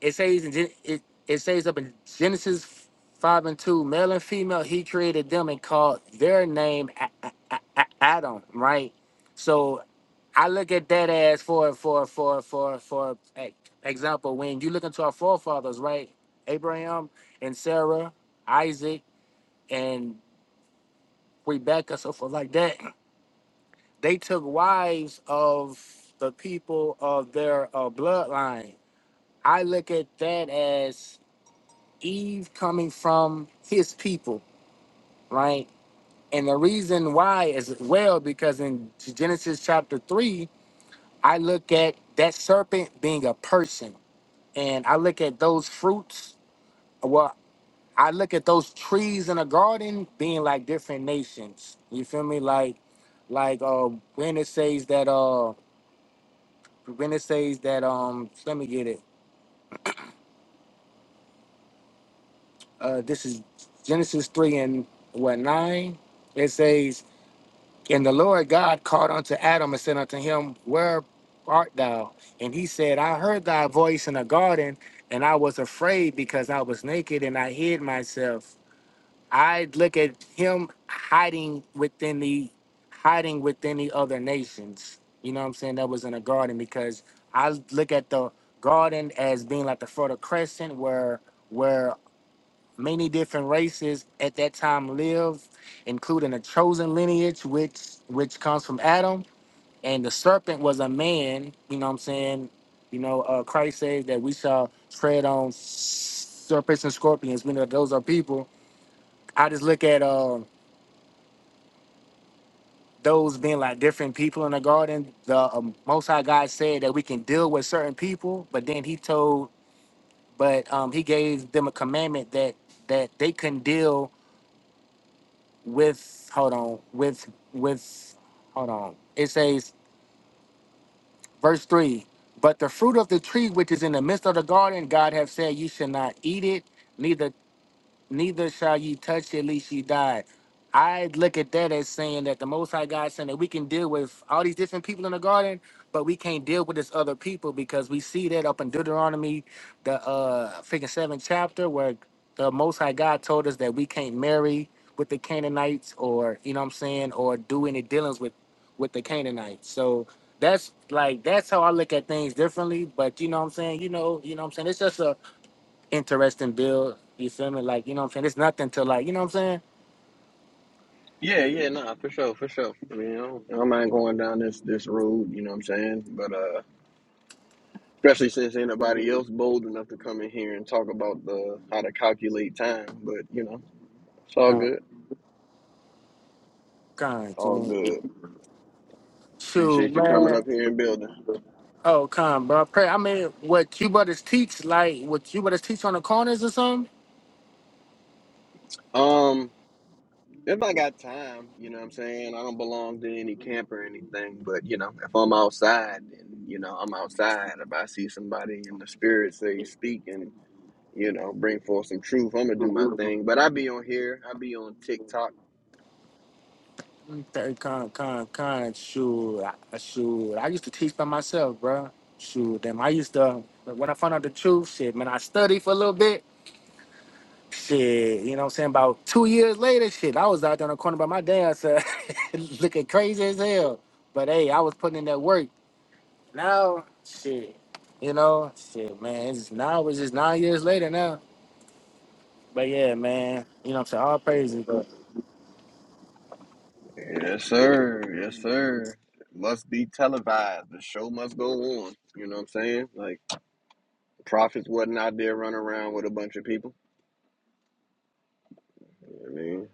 S5: It says in Gen- it. It says up in Genesis five and two, male and female, he created them and called their name A- A- A- A- Adam. Right. So I look at that as for for for for for e- example, when you look into our forefathers, right? Abraham and Sarah, Isaac and Rebecca, so forth like that. They took wives of the people of their uh, bloodline. I look at that as Eve coming from his people, right? And the reason why is well because in Genesis chapter three, I look at that serpent being a person and I look at those fruits. Well, I look at those trees in a garden being like different nations. You feel me? Like, like uh, when it says that uh, when it says that um, let me get it. Uh, this is Genesis three and what nine? It says, and the Lord God called unto Adam and said unto him, Where art thou? And he said, I heard thy voice in the garden, and I was afraid because I was naked and I hid myself. I look at him hiding within the hiding within the other nations. You know what I'm saying? That was in a garden because I look at the garden as being like the fertile crescent where where many different races at that time lived, including a chosen lineage which which comes from Adam. And the serpent was a man, you know what I'm saying? You know, uh, Christ says that we shall tread on serpents and scorpions. We know those are people. I just look at um. those being like different people in the garden, the um, Most High God said that we can deal with certain people, but then He told, but um, He gave them a commandment that that they couldn't deal with. Hold on, with with, hold on. It says verse three. But the fruit of the tree which is in the midst of the garden, God have said, you should not eat it, neither neither shall ye touch it lest ye die. I look at that as saying that the Most High God saying that we can deal with all these different people in the garden, but we can't deal with this other people because we see that up in Deuteronomy, the uh freaking seventh chapter, where the Most High God told us that we can't marry with the Canaanites or you know what I'm saying, or do any dealings with with the Canaanites. So that's like that's how I look at things differently. But you know what I'm saying, you know, you know what I'm saying. It's just a interesting build. You feel me? Like, you know what I'm saying? It's nothing to like, you know what I'm saying?
S2: Yeah, yeah, nah, for sure, for sure. I mean, I don't, I don't mind going down this this road, you know what I'm saying? But uh especially since ain't nobody else bold enough to come in here and talk about the how to calculate time. But you know, it's all
S5: Con,
S2: good.
S5: con,
S2: All
S5: con.
S2: good.
S5: Shoot,
S2: Appreciate you coming
S5: man.
S2: up here and building.
S5: Oh, con, bro. Pray. I mean, what Q brothers teach, like, what Q brothers teach on the corners or something?
S2: Um, if I got time, you know what I'm saying? I don't belong to any camp or anything, but you know, if I'm outside then you know, I'm outside, if I see somebody in the spirit say speaking. you know, bring forth some truth. I'm gonna do my thing, but I be on here. I be on TikTok.
S5: Mm, third Con, con, con. Shoot, I, shoot. I used to teach by myself, bro. Shoot, damn. I used to, but when I found out the truth, shit, man, I studied for a little bit. Shit, you know what I'm saying? About two years later, shit, I was out there on the corner by my damn self, (laughs) looking crazy as hell. But hey, I was putting in that work. Now, shit, you know, shit, man. It's just now it's just nine years later now. But yeah, man, you know what I'm saying? All praises, but
S2: Yes, sir. Yes, sir. It Must be televised. The show must go on. You know what I'm saying? Like prophets wasn't out there running around with a bunch of people. You know what I mean,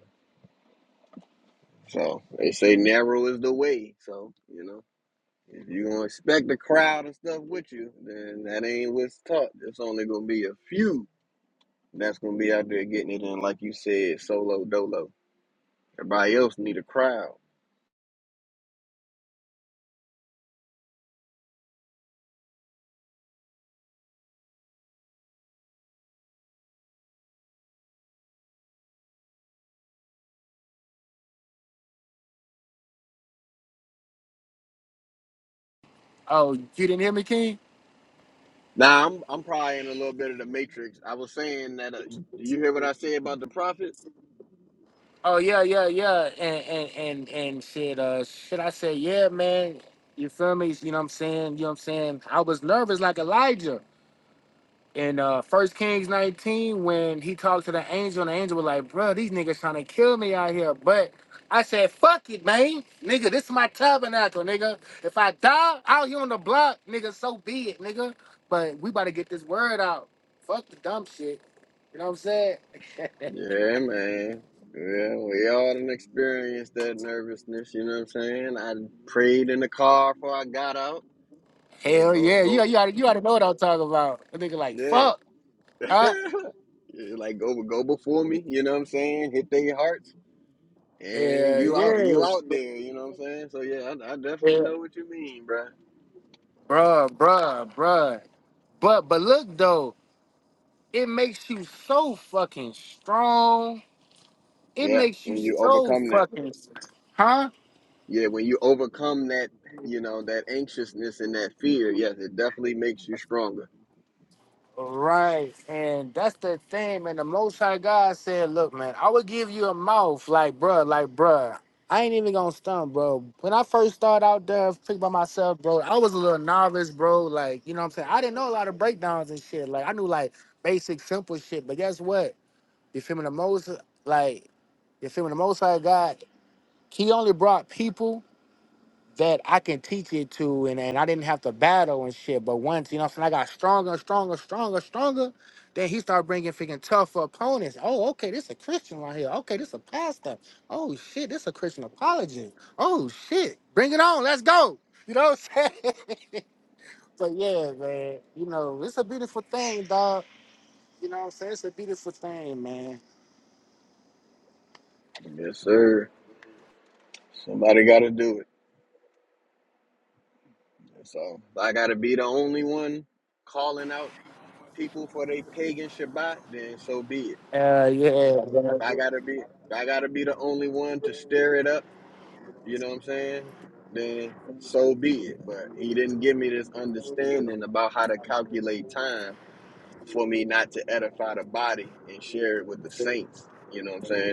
S2: so they say narrow is the way. So you know, if you gonna expect the crowd and stuff with you, then that ain't what's taught. It's only gonna be a few that's gonna be out there getting it in, like you said, solo dolo. Everybody else need a crowd.
S5: oh, you didn't hear me, King?
S2: Now I'm I'm probably in a little bit of the matrix. I was saying that. Uh, you you hear what I say about the prophets?
S5: Oh yeah, yeah, yeah. And and and and shit, uh should I say, yeah, man, you feel me? You know what I'm saying? You know what I'm saying? I was nervous like Elijah. in uh First Kings 19 when he talked to the angel and the angel was like, bro, these niggas trying to kill me out here. But I said, fuck it, man. Nigga, this is my tabernacle, nigga. If I die out here on the block, nigga, so be it, nigga. But we about to get this word out. Fuck the dumb shit. You know what I'm saying? (laughs)
S2: Yeah, man. Yeah, we all done experienced that nervousness. You know what I'm saying? I prayed in the car before I got out. Yeah,
S5: Hell
S2: go
S5: yeah. You,
S2: go.
S5: you, oughta, you oughta know what I'm talking about. A nigga like,
S2: Yeah,
S5: fuck,
S2: (laughs)
S5: huh?
S2: Yeah, like go go before me. You know what I'm saying? Hit their hearts, and
S5: Yeah,
S2: you out
S5: yeah.
S2: you out there. You know what I'm saying? So yeah, I, I definitely
S5: Yeah.
S2: know what you mean, bruh.
S5: Bruh, bruh, bruh. But but look though. it makes you so fucking strong. It
S2: Yeah,
S5: makes you
S2: when you
S5: so
S2: overcome that.
S5: fucking, huh?
S2: Yeah, when you overcome that, you know, that anxiousness and that fear, yes, it definitely makes you stronger.
S5: Right. And that's the thing, man. The Most High God said, look, man, I would give you a mouth, like, bruh, like, bruh. I ain't even gonna stunt, bro. When I first started out there, pick by myself, bro, I was a little novice, bro. Like, you know what I'm saying? I didn't know a lot of breakdowns and shit. Like, I knew, like, basic, simple shit. But guess what? You feel me? The most, like, you feel me? The Most High God, he only brought people that I can teach it to, and, and I didn't have to battle and shit. But once, you know what I'm saying, I got stronger, stronger, stronger, stronger. Then he started bringing freaking tougher opponents. Oh, okay, this a Christian right here. Okay, this a pastor. Oh, shit, this a Christian apologist. Oh, shit, bring it on. Let's go. (laughs) You know what I'm saying? (laughs) but yeah, man, you know, it's a beautiful thing, dog. You know what I'm saying? It's a beautiful thing, man.
S2: Yes, sir. Somebody got to do it. So if I got to be the only one calling out people for they pagan Shabbat, then so be it.
S5: Uh, yeah, man.
S2: If I got to be, if I got to be the only one to stir it up, you know what I'm saying? Then so be it. But he didn't give me this understanding about how to calculate time for me not to edify the body and share it with the saints. You know what I'm saying?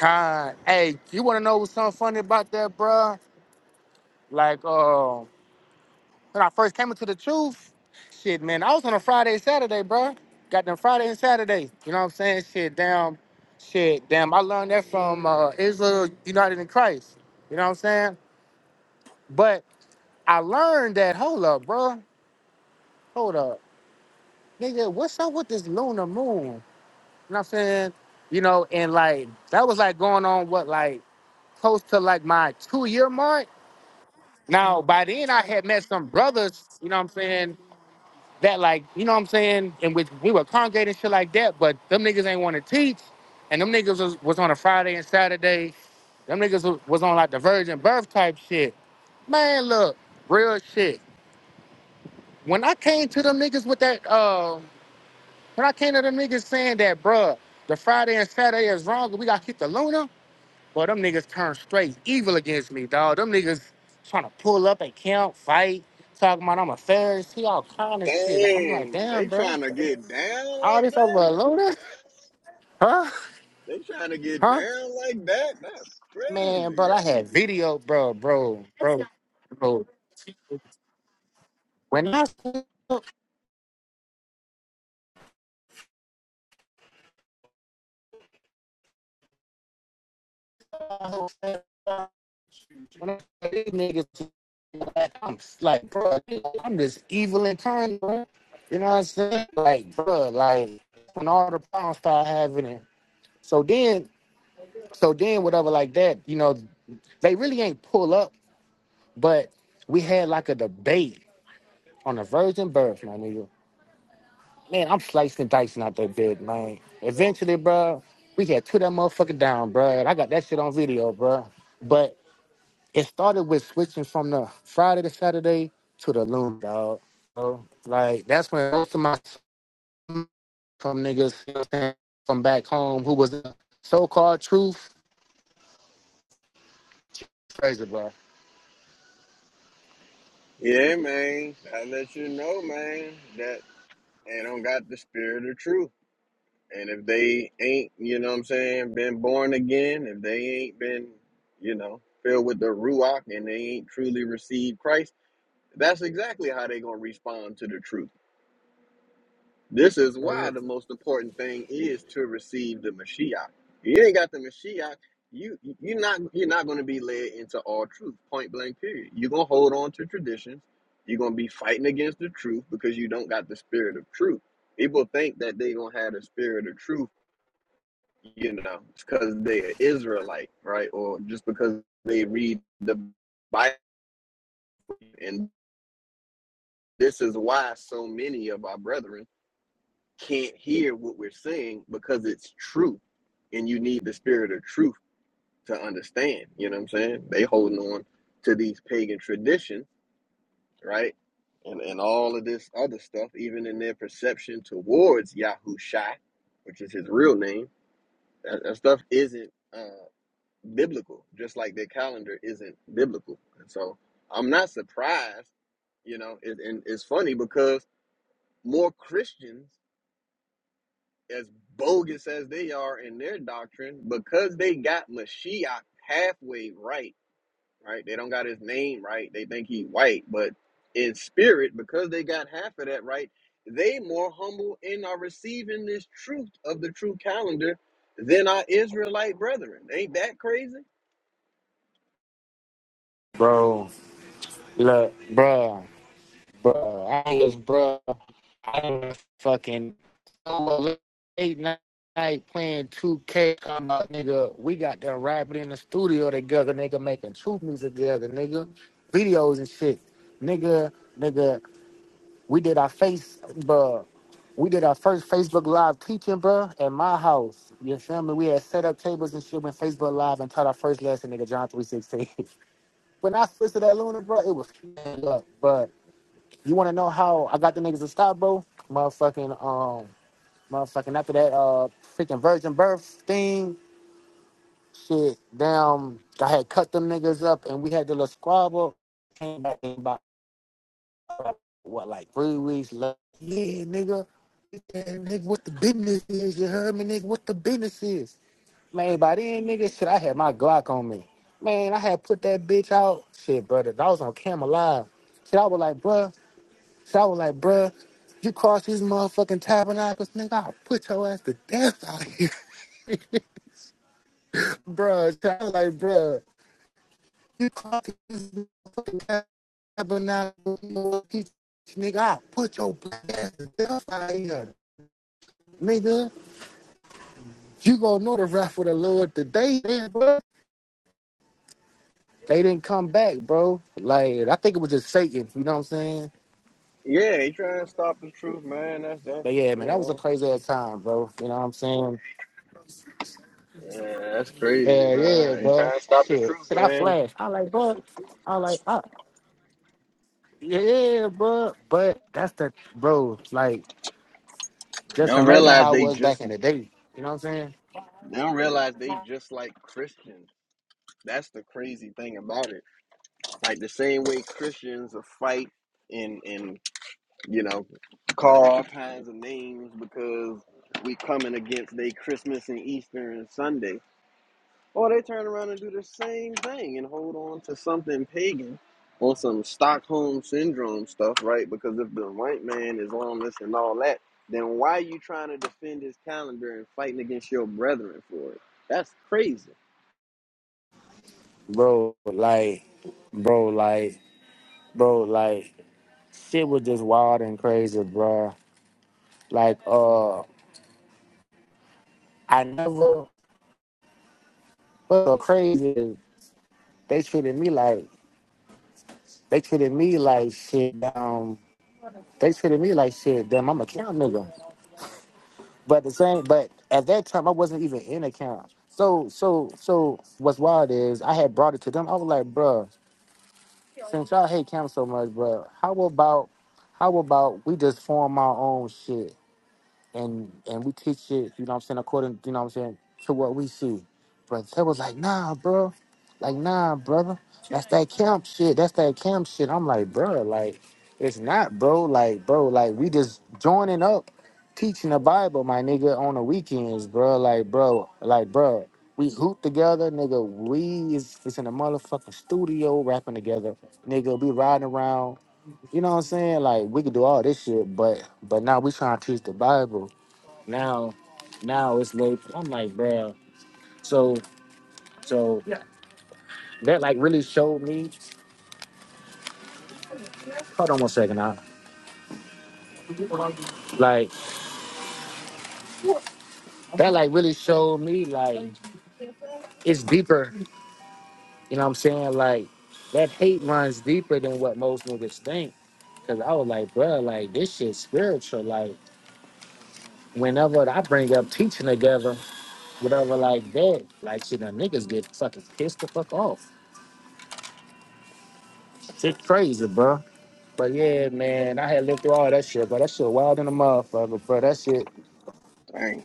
S5: God. Hey, you want to know what's something funny about that, bruh? Like, um, When I first came into the truth, shit, man, I was on a Friday, Saturday, bro. Got them Friday and Saturday. You know what I'm saying? Shit, damn, shit, damn. I learned that from uh, Israel United in Christ. You know what I'm saying? But I learned that, hold up, bro. Hold up. Nigga, what's up with this lunar moon? You know what I'm saying? You know, and like that was like going on what like close to like my two year mark. Now by then I had met some brothers, you know what I'm saying, that like, you know what I'm saying? And which we were congregating and shit like that, but them niggas ain't want to teach. And them niggas was, was on a Friday and Saturday. Them niggas was, was on like the virgin birth type shit. Man, look, real shit. When I came to them niggas with that, uh, when I came to them niggas saying that, bruh, the Friday and Saturday is wrong, we got to keep the Luna, boy, them niggas turned straight evil against me, dog. Them niggas trying to pull up and camp, fight, talking about I'm a Pharisee, all kind of shit. I'm like,
S2: Dang, they
S5: damn, bruh.
S2: trying to get down
S5: All
S2: like
S5: this over
S2: that?
S5: a loader? Huh?
S2: They trying to get
S5: Huh?
S2: down like that? That's
S5: Man, bro,
S2: crazy.
S5: I had video, bro, bro, bro, bro. When I say- when I say these niggas, like, I'm like, bro, I'm just evil and kind, bro. You know what I'm saying? Like, bro, like when all the problems start happening. So then, so then, whatever, like that. You know, they really ain't pull up, but we had like a debate on the virgin birth, my nigga. Man, I'm slicing and dicing out that bed, man. Eventually, bro, we had two that motherfucker down, bro. And I got that shit on video, bro. But it started with switching from the Friday to Saturday to the loom, dog. So, like, that's when most of my from niggas you know what I'm saying, from back home who was the so-called truth, crazy, bro.
S2: Yeah, man. I let you know, man, that they don't got the spirit of truth. And if they ain't, you know what I'm saying, been born again, if they ain't been, you know, filled with the Ruach and they ain't truly received Christ, that's exactly how they going to respond to the truth. This is why the most important thing is to receive the Mashiach. You ain't got the Mashiach, you you're not you're not going to be led into all truth. Point blank. Period. You're gonna hold on to traditions. You're gonna be fighting against the truth because you don't got the spirit of truth. People think that they gonna have the spirit of truth, you know, because they're Israelite, right? Or just because they read the Bible. And this is why so many of our brethren can't hear what we're saying because it's truth and you need the spirit of truth to understand you know what i'm saying they holding on to these pagan traditions right and, and all of this other stuff even in their perception towards yahushai which is his real name that, that stuff isn't uh, biblical just like their calendar isn't biblical and so i'm not surprised you know it, and it's funny because more christians as bogus as they are in their doctrine, because they got Mashiach halfway right, right? They don't got his name right. They think he white, but in spirit, because they got half of that right, they more humble and are receiving this truth of the true calendar than our Israelite brethren. Ain't that crazy?
S5: Bro, look, bro. Bro, I was, bro, I was fucking late night, playing 2K. Come up, nigga. We got done rapping in the studio together, nigga, making truth music together, nigga. Videos and shit. Nigga, nigga, we did our face, bro. We did our first Facebook Live teaching, bro, at my house. You feel me? We had set up tables and shit when Facebook Live and taught our first lesson, nigga, John 316. (laughs) when I switched to that Luna, bro, it was up, but. You want to know how I got the niggas to stop, bro? Motherfucking, um, motherfucking after that, uh, freaking virgin birth thing, shit, damn, I had cut them niggas up and we had the little squabble. Came back in about, uh, what, like three weeks later. Yeah, nigga. Yeah, nigga, what the business is? You heard me, nigga? What the business is? Man, by then, nigga, shit, I had my Glock on me. Man, I had put that bitch out. Shit, brother, I was on cam alive. Shit, I was like, bruh. So I was like, bruh, you cross these motherfucking tabernacles, nigga, I'll put your ass to death out here. (laughs) bruh, so I was like, bruh, you cross these motherfucking tabernacles, motherfucking- nigga, I'll put your black ass to death out here. Nigga, you gonna know the wrath of the Lord today, man, bruh. They didn't come back, bro. Like, I think it was just Satan, you know what I'm saying?
S2: Yeah, they trying to stop the truth, man. That's that's
S5: But yeah,
S2: you
S5: man, that was a
S2: know.
S5: crazy ass time, bro. You know what I'm saying?
S2: Yeah, that's crazy,
S5: Hell
S2: bro.
S5: yeah,
S2: They
S5: bro.
S2: trying to stop the
S5: Shit,
S2: truth,
S5: shit, I
S2: man.
S5: flashed. I like, bro. I like, ah, yeah, bro. But that's the bro. Like,
S2: They
S5: just
S2: don't
S5: imagine
S2: realize
S5: how it
S2: they
S5: was
S2: just
S5: back in the day. You know what I'm saying,
S2: They don't realize they just like Christians. That's the crazy thing about it. Like the same way Christians will fight and and you know call all kinds of names because we coming against they Christmas and Easter and Sunday. Or they turn around and do the same thing and hold on to something pagan or some Stockholm syndrome stuff, right? Because if the white man is on this and all that, then why are you trying to defend his calendar and fighting against your brethren for it? That's crazy.
S5: bro? Like, bro, like, bro, like, shit was just wild and crazy, bro. Like, uh, I never. But the crazy is they treated me like they treated me like shit. Um, they treated me like shit. Damn, I'm a cow nigga. But at the same, but at that time I wasn't even in accounts. So so so what's wild is I had brought it to them. I was like, bruh, since y'all hate camp so much, bruh, how about how about we just form our own shit? and and we teach it, you know what I'm saying, according, you know what I'm saying, to what we see. But they was like, nah, bro. Like, nah, brother. That's that camp shit. That's that camp shit. I'm like, bro, like, it's not, bro. Like, bro, like, we just joining up, teaching the Bible, my nigga, on the weekends, bro. Like, bro, like, bro, we hoop together, nigga. We is, is in a motherfucking studio rapping together, nigga. We riding around, you know what I'm saying? Like, we could do all this shit, but but now we trying to teach the Bible now now it's late. I'm like, bro. So so that like really showed me. Hold on one second, I like that like really showed me like it's deeper. You know what I'm saying? Like that hate runs deeper than what most niggas think. Cause I was like, bro, like this shit spiritual. Like whenever I bring up teaching together, whatever like that, like shit, the niggas get fucking pissed the fuck off. Shit crazy, bro. But yeah, man, I had lived through all that shit, but that shit wild in the motherfucker, bro. That shit,
S2: Dang,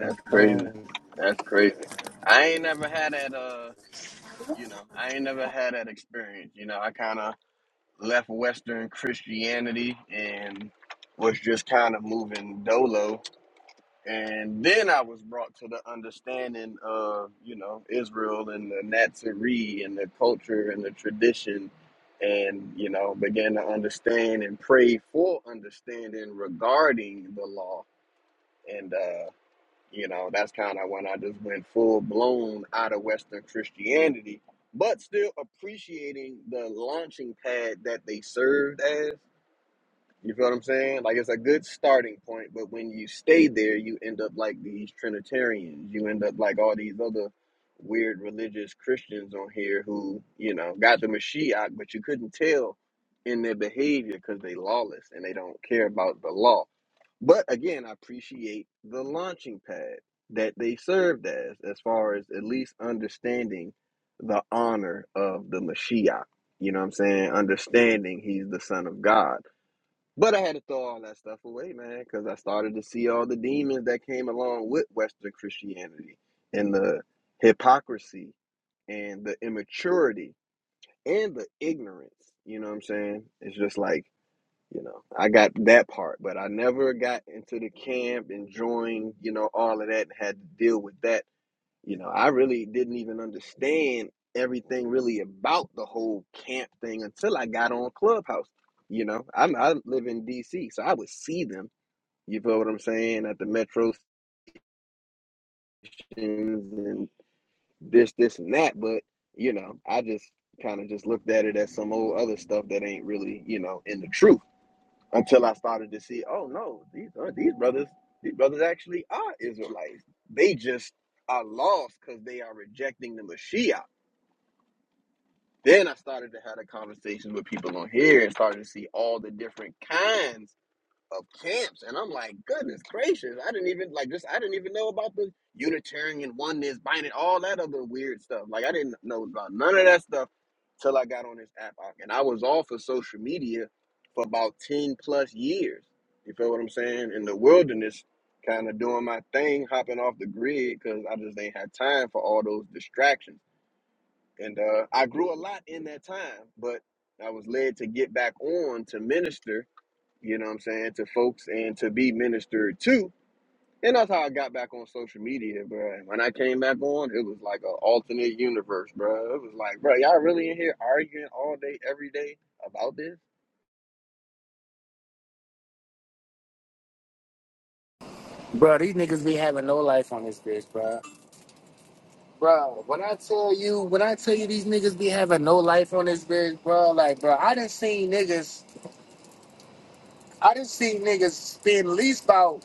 S2: that's crazy.
S5: um,
S2: That's crazy. I ain't never had that. Uh, you know, I ain't never had that experience. You know, I kind of left Western Christianity and was just kind of moving dolo, and then I was brought to the understanding of you know Israel and the Nazarene and the culture and the tradition. And you know, began to understand and pray for understanding regarding the law, and uh, You know, that's kind of when I just went full blown out of Western Christianity, but still appreciating the launching pad that they served as. You feel what I'm saying? Like it's a good starting point, but when you stay there, you end up like these Trinitarians. You end up like all these other weird religious Christians on here who, you know, got the Mashiach, but you couldn't tell in their behavior because they lawless and they don't care about the law. But again, I appreciate the launching pad that they served as, as far as at least understanding the honor of the Mashiach. You know what I'm saying? Understanding he's the son of God but I had to throw all that stuff away, man, because I started to see all the demons that came along with Western Christianity and the hypocrisy and the immaturity and the ignorance. You know what I'm saying? It's just like, you know, I got that part, but I never got into the camp and joined, you know, all of that and had to deal with that you know, I really didn't even understand everything really about the whole camp thing until I got on Clubhouse. You know, I'm I live in DC, so I would see them. You feel what I'm saying at the metro stations and this, this, and that. But you know, I just kind of just looked at it as some old other stuff that ain't really you know in the truth until I started to see. Oh no, these are, these brothers, these brothers actually are Israelites. They just are lost because they are rejecting the Mashiach Then I started to have a conversation with people on here and started to see all the different kinds of camps. And I'm like, goodness gracious, I didn't even like this. I didn't even know about the Unitarian oneness, binding, all that other weird stuff. Like I didn't know about none of that stuff till I got on this app. uh, And I was off of social media for about 10 plus years. You feel what I'm saying? In the wilderness, kind of doing my thing, hopping off the grid because I just ain't had time for all those distractions and uh, I grew a lot in that time. But I was led to get back on to minister. You know what I'm saying to folks and to be ministered to, and that's how I got back on social media, bro. And when I came back on, it was like an alternate universe, bro. It was like, bro, y'all really in here arguing all day, every day about this
S5: bro. These niggas be having no life on this bitch, bro. Bro, when I tell you, when I tell you, these niggas be having no life on this bitch, bro. Like, bro, I done seen niggas, I done seen niggas spend at least about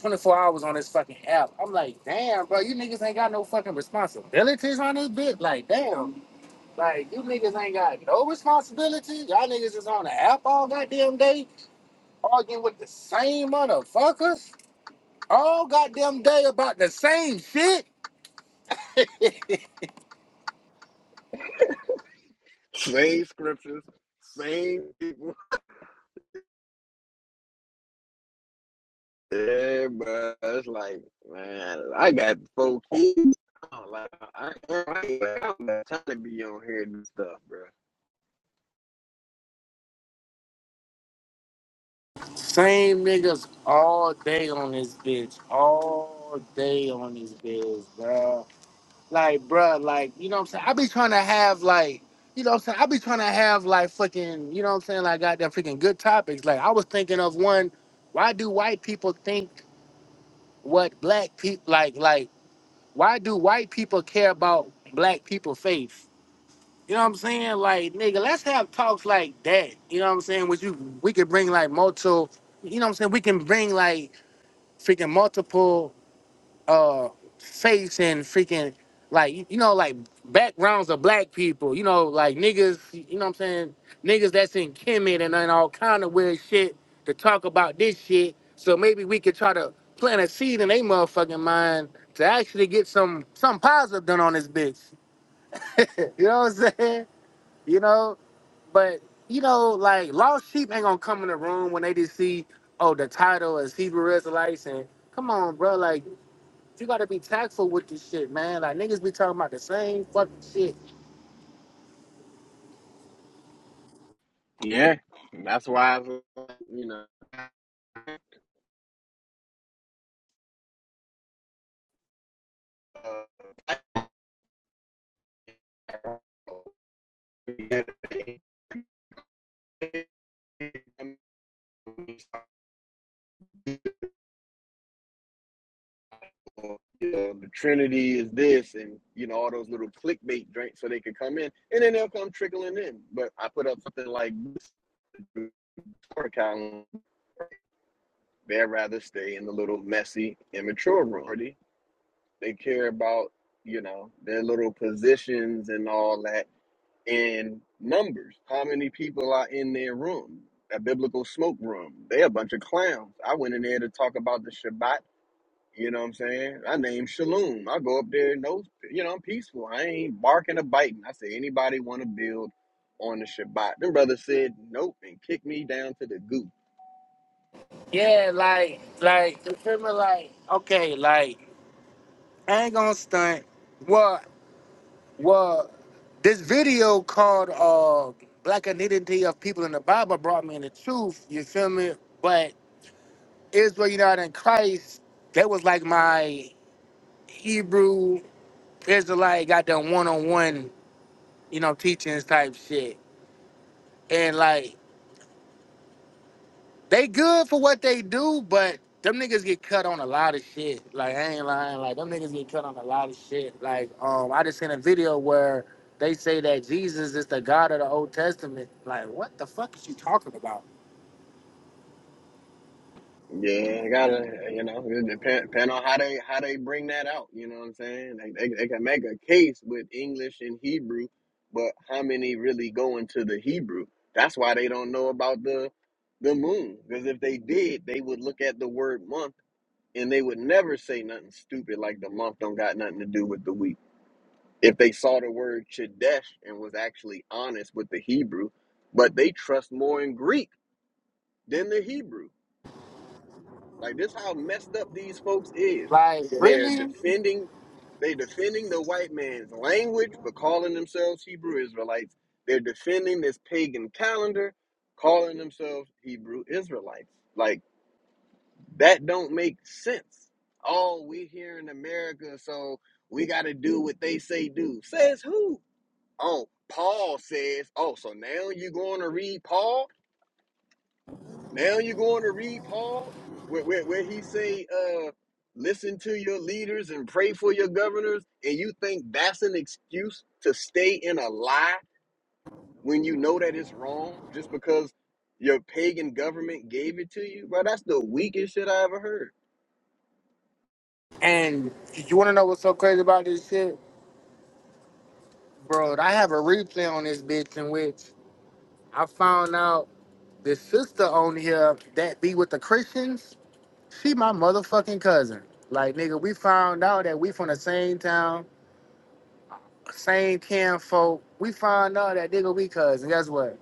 S5: 24 hours on this fucking app. I'm like, damn, bro, you niggas ain't got no fucking responsibilities on this bitch. Like, damn, like you niggas ain't got no responsibility. Y'all niggas is on the app all goddamn day. Arguing with the same motherfuckers all goddamn day about the same shit. (laughs)
S2: same scriptures, same people. (laughs) Yeah, bro. It's like, man, I got four kids. I'm like, I, I ain't got time to be on here and do stuff, bro.
S5: same niggas all day on this bitch. All day on this bitch, bro. Like, bro, like, you know what I'm saying? I be trying to have, like, you know what I'm saying? I be trying to have, like, fucking, you know what I'm saying? Like, goddamn freaking good topics. Like, I was thinking of one, why do white people think what black people, like, like, why do white people care about black people faith? You know what I'm saying? Like, nigga, let's have talks like that. You know what I'm saying? Which you we could bring like multiple, you know what I'm saying? We can bring like freaking multiple uh faiths and freaking like you you know, like backgrounds of black people, you know, like niggas, you know what I'm saying, niggas that's in Kemet and, and all kind of weird shit to talk about this shit. So maybe we could try to plant a seed in their motherfucking mind to actually get some some positive done on this bitch. (laughs) you know what I'm saying? You know? But you know, like lost sheep ain't gonna come in the room when they just see, oh, the title is Hebrew Israelites, and come on, bro, like you gotta be tactful with this shit, man. Like niggas be talking about the same fucking shit.
S2: Yeah, that's why, it's like, you know, you know, the Trinity is this, and you know all those little clickbait drinks, so they could come in, and then they'll come trickling in. But I put up something like this for account. They'd rather stay in the little messy, immature room. They care about you know their little positions and all that in numbers how many people are in their room a biblical smoke room they're a bunch of clowns i went in there to talk about the shabbat you know what i'm saying i named shalom i go up there no you know i'm peaceful i ain't barking or biting i say anybody want to build on the shabbat them brothers said nope and kicked me down to the goop
S5: Yeah, like, like you feel me? Like, okay, like I ain't gonna stunt. Well, well, This video called uh Black Identity of People in the Bible brought me in the truth. You feel me? But Israel United in Christ, that was like my Hebrew it's like got them one on one, you know, teachings type shit. And like they good for what they do, but them niggas get cut on a lot of shit. Like I ain't lying, like them niggas get cut on a lot of shit. Like um, I just seen a video where they say that Jesus is the God of the Old Testament. Like what the fuck is you talking about?
S2: Yeah, I gotta, you know, it depend, depend on how they how they bring that out. You know what I'm saying? Like they they can make a case with English and Hebrew, but how many really go into the Hebrew? That's why they don't know about the the moon. Because if they did, they would look at the word month and they would never say nothing stupid like the month don't got nothing to do with the week. If they saw the word Chodesh and was actually honest with the Hebrew, but they trust more in Greek than the Hebrew. Like this how messed up these folks is.
S5: Like
S2: They're
S5: really?
S2: defending they defending the white man's language but calling themselves Hebrew Israelites. They're defending this pagan calendar, calling themselves Hebrew Israelites. Like that don't make sense. Oh, we here in America, so we gotta do what they say do. Says who? Oh, Paul says, oh, so now you are going to read Paul? Now you're going to read Paul, where, where, where he say, uh, listen to your leaders and pray for your governors, and you think that's an excuse to stay in a lie when you know that it's wrong just because your pagan government gave it to you? Bro, that's the weakest shit I ever heard.
S5: And you want to know what's so crazy about this shit, bro? I have a replay on this bitch in which I found out. This sister on here that be with the Christians, she my motherfucking cousin. Like nigga, we found out that we from the same town, same kin folk. We found out that nigga we cousin. Guess what?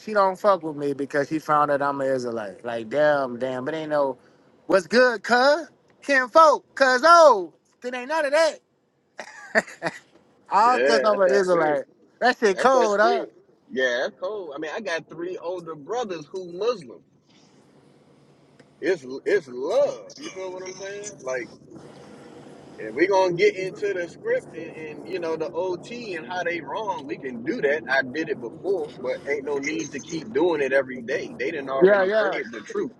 S5: She don't fuck with me because she found out I'm an Israelite. Like damn, damn, but ain't no what's good, cuz? Kin folk, cuz oh, it ain't none of that. (laughs) All cuz
S2: Yeah,
S5: I'm
S2: that's
S5: an
S2: that spirit.
S5: Israelite. That shit
S2: That's that
S5: cold, huh?
S2: spirit. Yeah, that's cold. I mean, I got three older brothers who Muslim. It's it's love. You feel what I'm saying? Like And we're gonna get into the script and, and you know the OT and how they wrong. We can do that. I did it before, but ain't no need to keep doing it every day. They didn't
S5: Yeah,
S2: already
S5: yeah.
S2: heard the truth.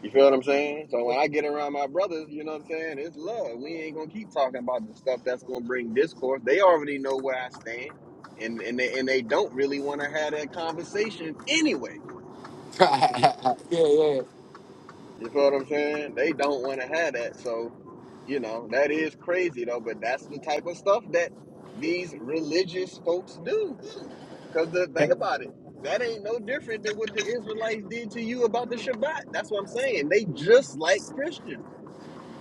S2: You feel what I'm saying? So when I get around my brothers, you know what I'm saying? It's love. We ain't gonna keep talking about the stuff that's gonna bring discourse. They already know where I stand, and and they and they don't really want to have that conversation anyway.
S5: (laughs) yeah, yeah.
S2: You feel what I'm saying? They don't want to have that. So You know, that is crazy though, but that's the type of stuff that these religious folks do. Because the thing about it, that ain't no different than what the Israelites did to you about the Shabbat. That's what I'm saying. They just like Christians.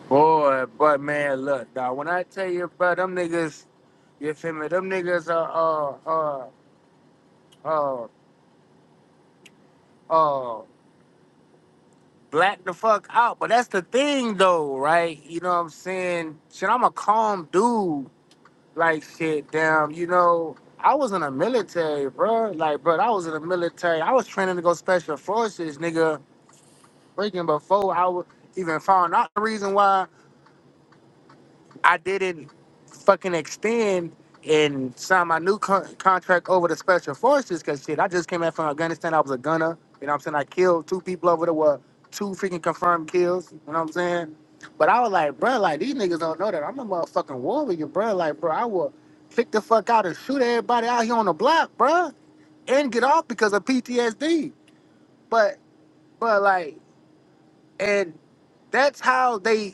S5: Boy, but man, look, dog. When I tell you, bro, them niggas, you feel me? Them niggas are uh uh uh uh black the fuck out. But that's the thing, though, right? You know what I'm saying? Shit, I'm a calm dude. Like shit, damn. You know, I was in the military, bro. Like, bro, I was in the military. I was training to go special forces, nigga. Freaking before I was even found out the reason why. I didn't fucking extend and sign my new con- contract over to Special Forces because shit, I just came back from Afghanistan. I was a gunner. You know what I'm saying? I killed two people over there. Were two freaking confirmed kills. You know what I'm saying? But I was like, bro, like these niggas don't know that I'm a motherfucking war with you, bro. Like, bro, I will click the fuck out and shoot everybody out here on the block, bro, and get off because of PTSD. But, but like, and that's how they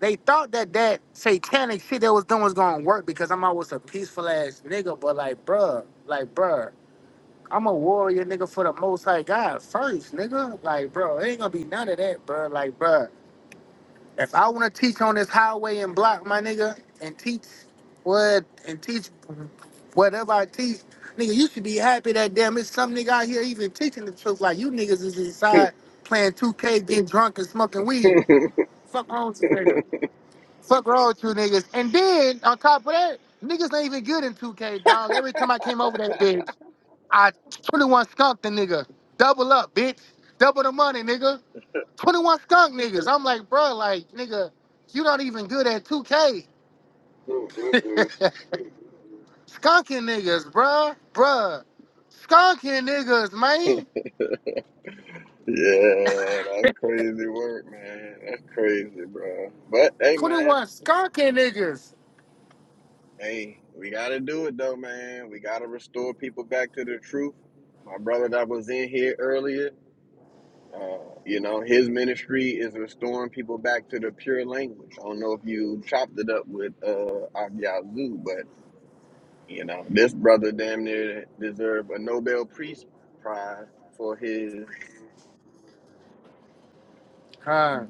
S5: they thought that that satanic shit they was doing was gonna work because I'm always a peaceful ass nigga, but like, bruh, like, bruh, I'm a warrior nigga for the most high God first, nigga. Like, bro, it ain't gonna be none of that, bruh. Like, bruh, if I wanna teach on this highway and block my nigga and teach what and teach whatever I teach, nigga, you should be happy that damn it's some nigga out here even teaching the truth. Like, you niggas is inside playing 2K, getting drunk and smoking
S2: (laughs)
S5: weed. Fuck on nigga. Fuck wrong with you niggas. And then on top of that, niggas ain't even good in 2K, dog. Every time I came over that bitch, I 21 skunk the nigga. Double up, bitch. Double the money, nigga. 21 skunk niggas. I'm like, bro, like, nigga, you not even good at 2K. (laughs)
S2: Mm-mm-mm.
S5: Skunking niggas, bruh. Bruh. Skunking niggas, man.
S2: yeah, that's crazy work, man. That's crazy, bro. But hey, man,
S5: 21 skunking niggas.
S2: hey, we gotta do it though, man. We gotta restore people back to the truth. My brother that was in here earlier. Uh, you know, his ministry is restoring people back to the pure language. I don't know if you chopped it up with uh Abyazu, but you know, this brother damn near deserved a Nobel Peace Prize for his
S5: Huh.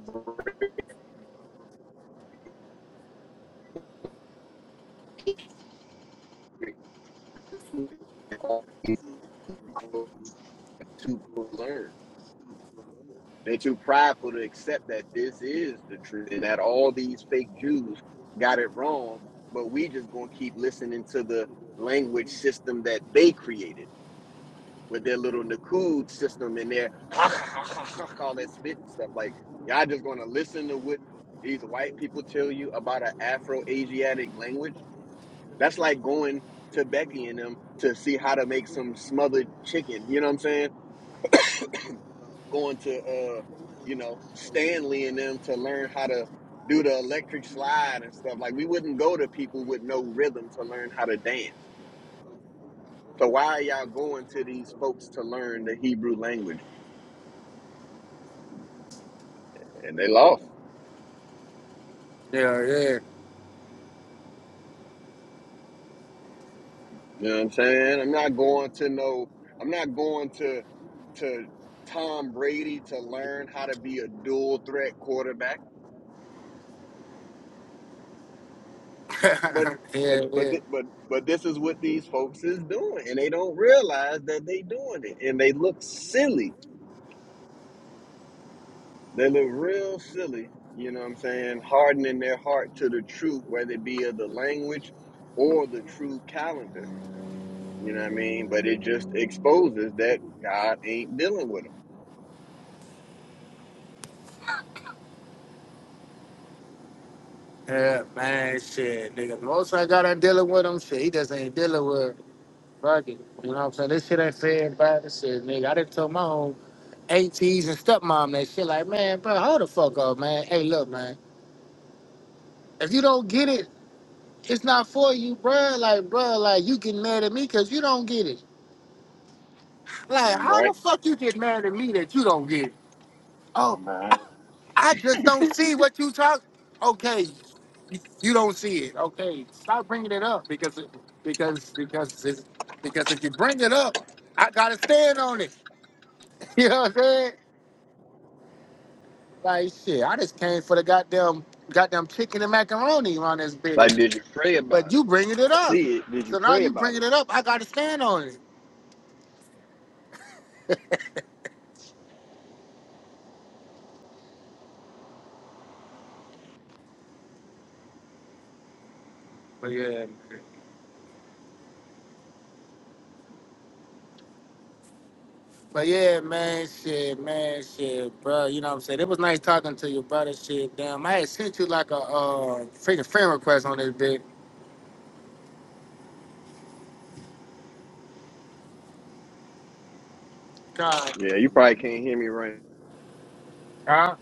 S2: to learn. They're too prideful to accept that this is the truth and that all these fake Jews got it wrong, but we just gonna keep listening to the language system that they created with their little Nakud system in there, (laughs) ha, ha, ha, ha, ha, all that spit and stuff. Like, y'all just gonna listen to what these white people tell you about an Afro Asiatic language? That's like going to Becky and them to see how to make some smothered chicken. You know what I'm saying? Going to, uh, you know, Stanley and them to learn how to do the electric slide and stuff. Like, we wouldn't go to people with no rhythm to learn how to dance. So why are y'all going to these folks to learn the Hebrew language? And they lost.
S5: Yeah,
S2: You know what I'm saying? I'm not going to no, I'm not going to to Tom Brady to learn how to be a dual threat quarterback. But
S5: yeah. (laughs)
S2: but
S5: yeah,
S2: but
S5: yeah.
S2: thi- but but this is what these folks is doing, and they don't realize that they doing it, and they look silly. They look real silly. You know what I'm saying? Hardening their heart to the truth, whether it be of the language or the true calendar. You know what I mean? But it just exposes that God ain't dealing with them,
S5: Yeah, man, shit, nigga. The most I got on dealing with him, shit, he just ain't dealing with fuck it. You know what I'm saying? This shit ain't fair about this shit, nigga. I done told my own ATs and stepmom that shit, like, man, bro, hold the fuck up, man. Hey, look, man, if you don't get it, it's not for you, bro. Like, bro, like, you getting mad at me because you don't get it. Like, how
S2: right?
S5: the fuck you get mad at me that you don't get it? Oh. I just don't see what you talk. Okay, you don't see it. Okay, stop bringing it up because it, because because it's, because if you bring it up, I gotta stand on it. (laughs) You know what I'm saying? Like shit, I just came for the goddamn goddamn chicken and macaroni on this big,
S2: Like, did you pray
S5: but
S2: about
S5: you
S2: it?
S5: bringing it up,
S2: See it? Did you
S5: so now
S2: pray
S5: you
S2: about it?
S5: bringing it up, I gotta stand on it. But yeah. But yeah, man, shit, man, shit, bro. You know what I'm saying? It was nice talking to you, brother. Shit, damn. I had sent you like a uh freaking friend request on this bitch. God,
S2: Yeah, you probably can't hear me right
S5: huh?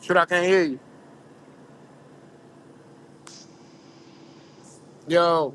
S5: Shoot, I can't hear you. Yo.